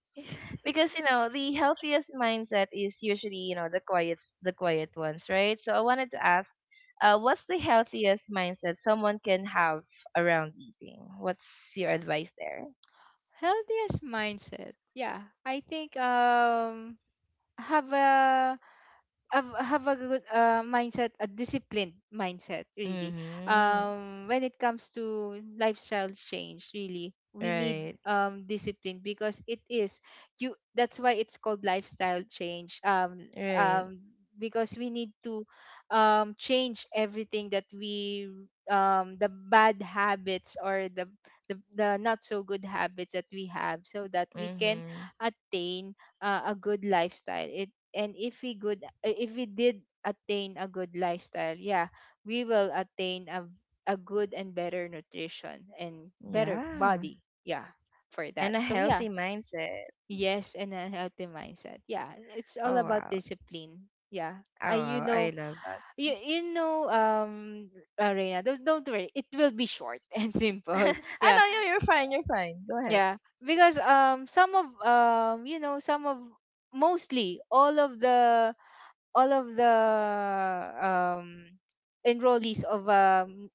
[SPEAKER 1] because you know the healthiest mindset is usually, you know, the quiet ones, right? So I wanted to ask, what's the healthiest mindset someone can have around eating? What's your advice there?
[SPEAKER 2] Healthiest mindset. Yeah, I think have a, have, have a good mindset, a disciplined mindset, really.
[SPEAKER 1] Mm-hmm.
[SPEAKER 2] When it comes to lifestyle change, really, we need
[SPEAKER 1] Right.
[SPEAKER 2] discipline because it is you. That's why it's called lifestyle change.
[SPEAKER 1] Right.
[SPEAKER 2] Um, because we need to change everything that we, the bad habits, or the, the not so good habits that we have, so that we can
[SPEAKER 1] Mm-hmm.
[SPEAKER 2] attain a good lifestyle. It, and if we good, if we did attain a good lifestyle, yeah, we will attain a good and better nutrition and better
[SPEAKER 1] Yeah.
[SPEAKER 2] body, yeah, for that.
[SPEAKER 1] And a
[SPEAKER 2] So yeah,
[SPEAKER 1] healthy mindset.
[SPEAKER 2] yes, and a healthy mindset, yeah, it's all
[SPEAKER 1] Oh
[SPEAKER 2] about
[SPEAKER 1] wow.
[SPEAKER 2] discipline. Yeah,
[SPEAKER 1] Oh
[SPEAKER 2] I, you
[SPEAKER 1] wow. I
[SPEAKER 2] know,
[SPEAKER 1] love that.
[SPEAKER 2] you know, Arena, don't worry, it will be short and simple.
[SPEAKER 1] I
[SPEAKER 2] Yeah,
[SPEAKER 1] know you, you're fine. Go ahead.
[SPEAKER 2] yeah, because some of, you know, some of, mostly all of the, all of the um enrollees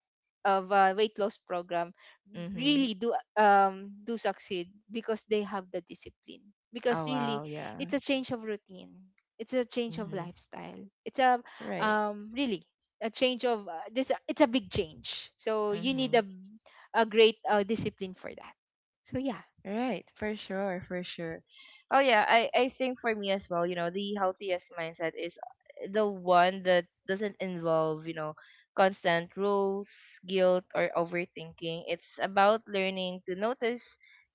[SPEAKER 2] of a weight loss program
[SPEAKER 1] Mhm.
[SPEAKER 2] really do do succeed because they have the discipline,
[SPEAKER 1] Oh
[SPEAKER 2] because really
[SPEAKER 1] wow, yeah.
[SPEAKER 2] it's a change of routine, it's a change of
[SPEAKER 1] Mhm.
[SPEAKER 2] lifestyle, it's a
[SPEAKER 1] Right.
[SPEAKER 2] really a change of this, it's a big change, so you need
[SPEAKER 1] Mhm.
[SPEAKER 2] a great discipline for that. So yeah,
[SPEAKER 1] Right, for sure, for sure. Oh yeah, I think for me as well, you know, the healthiest mindset is the one that doesn't involve, you know, constant rules, guilt or overthinking. It's about learning to notice,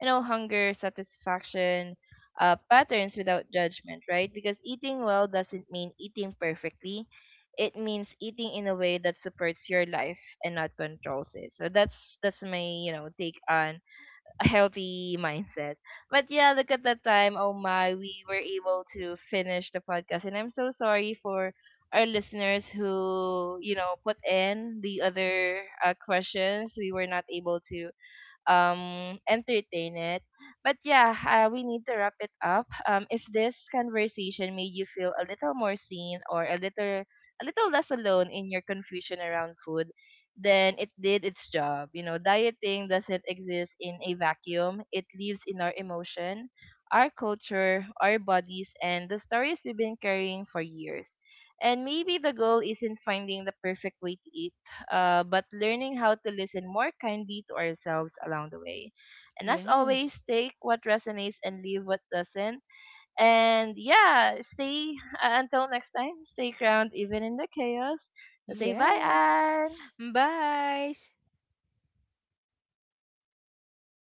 [SPEAKER 1] you know, hunger, satisfaction, patterns without judgment, right? Because eating well doesn't mean eating perfectly. It means eating in a way that supports your life and not controls it. So that's my, you know, take on a healthy mindset. But yeah, look at the time. Oh my, we were able to finish the podcast, and I'm so sorry for our listeners who, you know, put in the other, questions. We were not able to entertain it. But yeah, we need to wrap it up. If this conversation made you feel a little more seen or a little less alone in your confusion around food, then it did its job. You know, dieting doesn't exist in a vacuum. It lives in our emotion, our culture, our bodies, and the stories we've been carrying for years. And maybe the goal isn't finding the perfect way to eat, but learning how to listen more kindly to ourselves along the way. And as always,
[SPEAKER 2] yes.
[SPEAKER 1] take what resonates and leave what doesn't. And yeah, stay until next time, stay grounded even in the chaos. So say bye,
[SPEAKER 2] Yes.
[SPEAKER 1] Anne.
[SPEAKER 2] Bye.